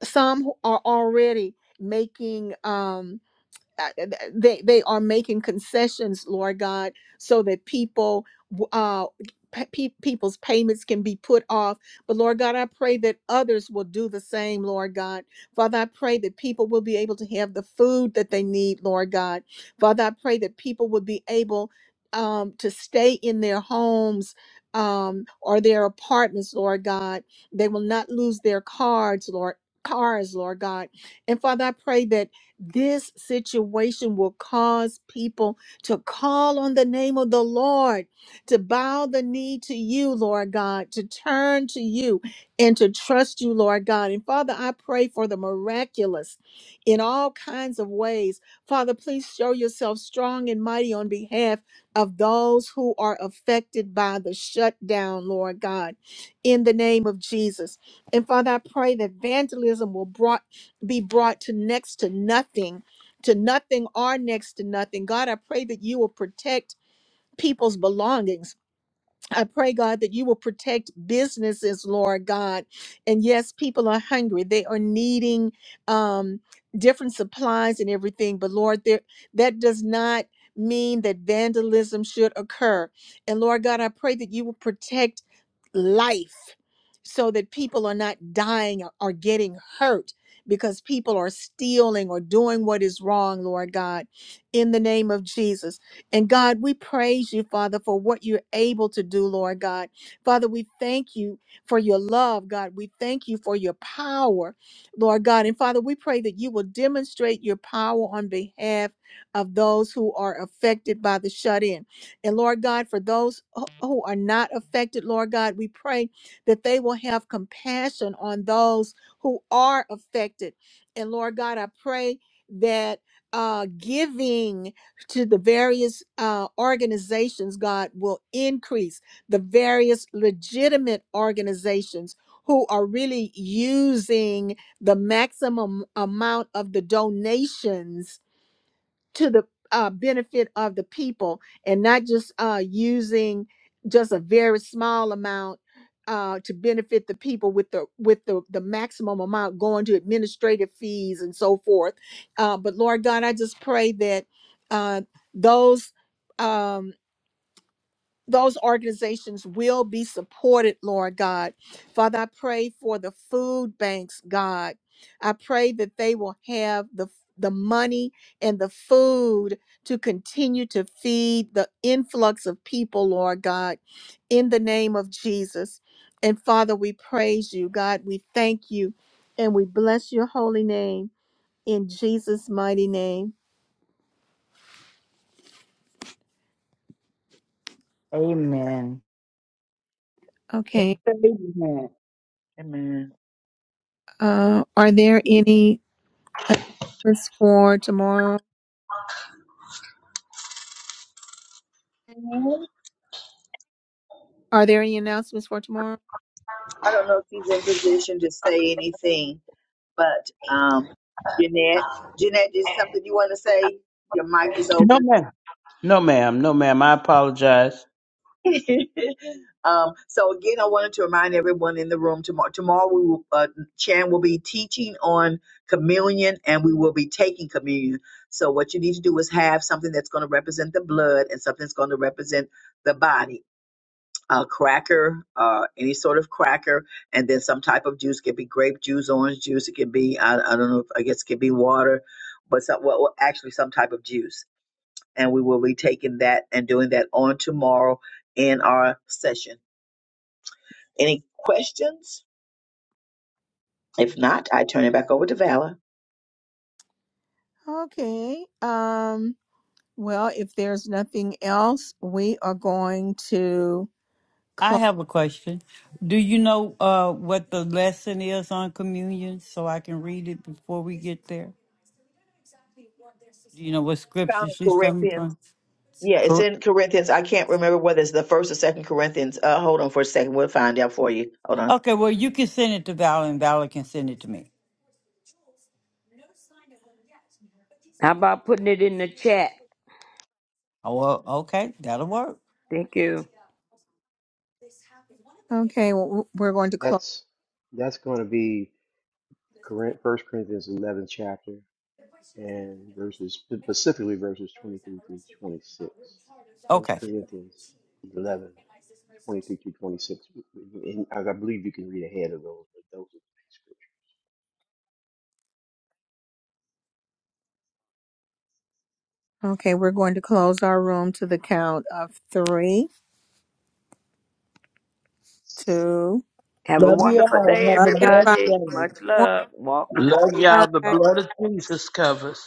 some who are already making um, uh, they they are making concessions, Lord God, so that people uh p- pe- people's payments can be put off. But Lord God, I pray that others will do the same, Lord God. Father, I pray that people will be able to have the food that they need, Lord God. Father, I pray that people will be able um, to stay in their homes um, or their apartments, Lord God. They will not lose their cards, Lord cars, Lord God. And Father, I pray that this situation will cause people to call on the name of the Lord, to bow the knee to you, Lord God, to turn to you and to trust you, Lord God. And Father, I pray for the miraculous in all kinds of ways. Father, please show yourself strong and mighty on behalf of those who are affected by the shutdown, Lord God, in the name of Jesus. And Father, I pray that vandalism will brought be brought to next to nothing, to nothing or next to nothing. God, I pray that you will protect people's belongings I pray, God, that you will protect businesses, Lord God. And yes, people are hungry. They are needing um, different supplies and everything. But Lord, there, that does not mean that vandalism should occur. And Lord God, I pray that you will protect life so that people are not dying or or getting hurt because people are stealing or doing what is wrong, Lord God, in the name of Jesus. And God, we praise you, Father, for what you're able to do, Lord God. Father, we thank you for your love, God. We thank you for your power, Lord God. And Father, we pray that you will demonstrate your power on behalf of those who are affected by the shut in. And Lord God, for those who who are not affected, Lord God, we pray that they will have compassion on those who are affected. And Lord God, I pray that uh, giving to the various uh, organizations, God will increase the various legitimate organizations who are really using the maximum amount of the donations to the uh, benefit of the people and not just uh, using just a very small amount uh, to benefit the people with the with the, the maximum amount going to administrative fees and so forth. Uh, but Lord God, I just pray that uh, those um, those organizations will be supported, Lord God. Father, I pray for the food banks, God. I pray that they will have the the money and the food to continue to feed the influx of people, Lord God, in the name of Jesus. And Father, we praise you, God. We thank you and we bless your holy name in Jesus' mighty name. amen Okay. Amen. Amen. Uh, are there any announcements for tomorrow? Are there any announcements for tomorrow? I don't know if he's in position to say anything, but um, Jeanette, Jeanette, is something you want to say? Your mic is No, open. ma'am. No, ma'am. No, ma'am. I apologize. um, so again, I wanted to remind everyone in the room tomorrow. Tomorrow, we will, uh, Chan will be teaching on communion, and we will be taking communion. So what you need to do is have something that's going to represent the blood and something that's going to represent the body. A cracker, uh, any sort of cracker, and then some type of juice. It could be grape juice, orange juice. It could be I, I don't know. I guess it could be water, but some, well, well, actually some type of juice and we will be taking that and doing that on tomorrow in our session. Any questions? If not, I turn it back over to Vala. Okay. Um, well, if there's nothing else, we are going to. I Close. have a question. Do you know uh, what the lesson is on communion so I can read it before we get there? Do you know what found scripture in she's coming Corinthians. from? Yeah, it's Cool. in Corinthians. I can't remember whether it's the first or second Corinthians. Uh, hold on for a second. We'll find out for you. Hold on. Okay, well, you can send it to Val and Val can send it to me. How about putting it in the chat? Oh, well, okay, that'll work. Thank you. Okay, well, w- we're going to close. That's that's going to be Corin- First Corinthians 11 chapter and verses specifically verses 23 through 26. First Okay. Corinthians 11 23 through 26. And I I believe you can read ahead of those, but those are Okay, we're going to close our room to the count of three, two. Have a Love you wonderful all. day, Have Love a you, blessed everybody. everybody. day. Much One. love. Walk in the Love favor of y'all. The the Lord. blood of Jesus covers.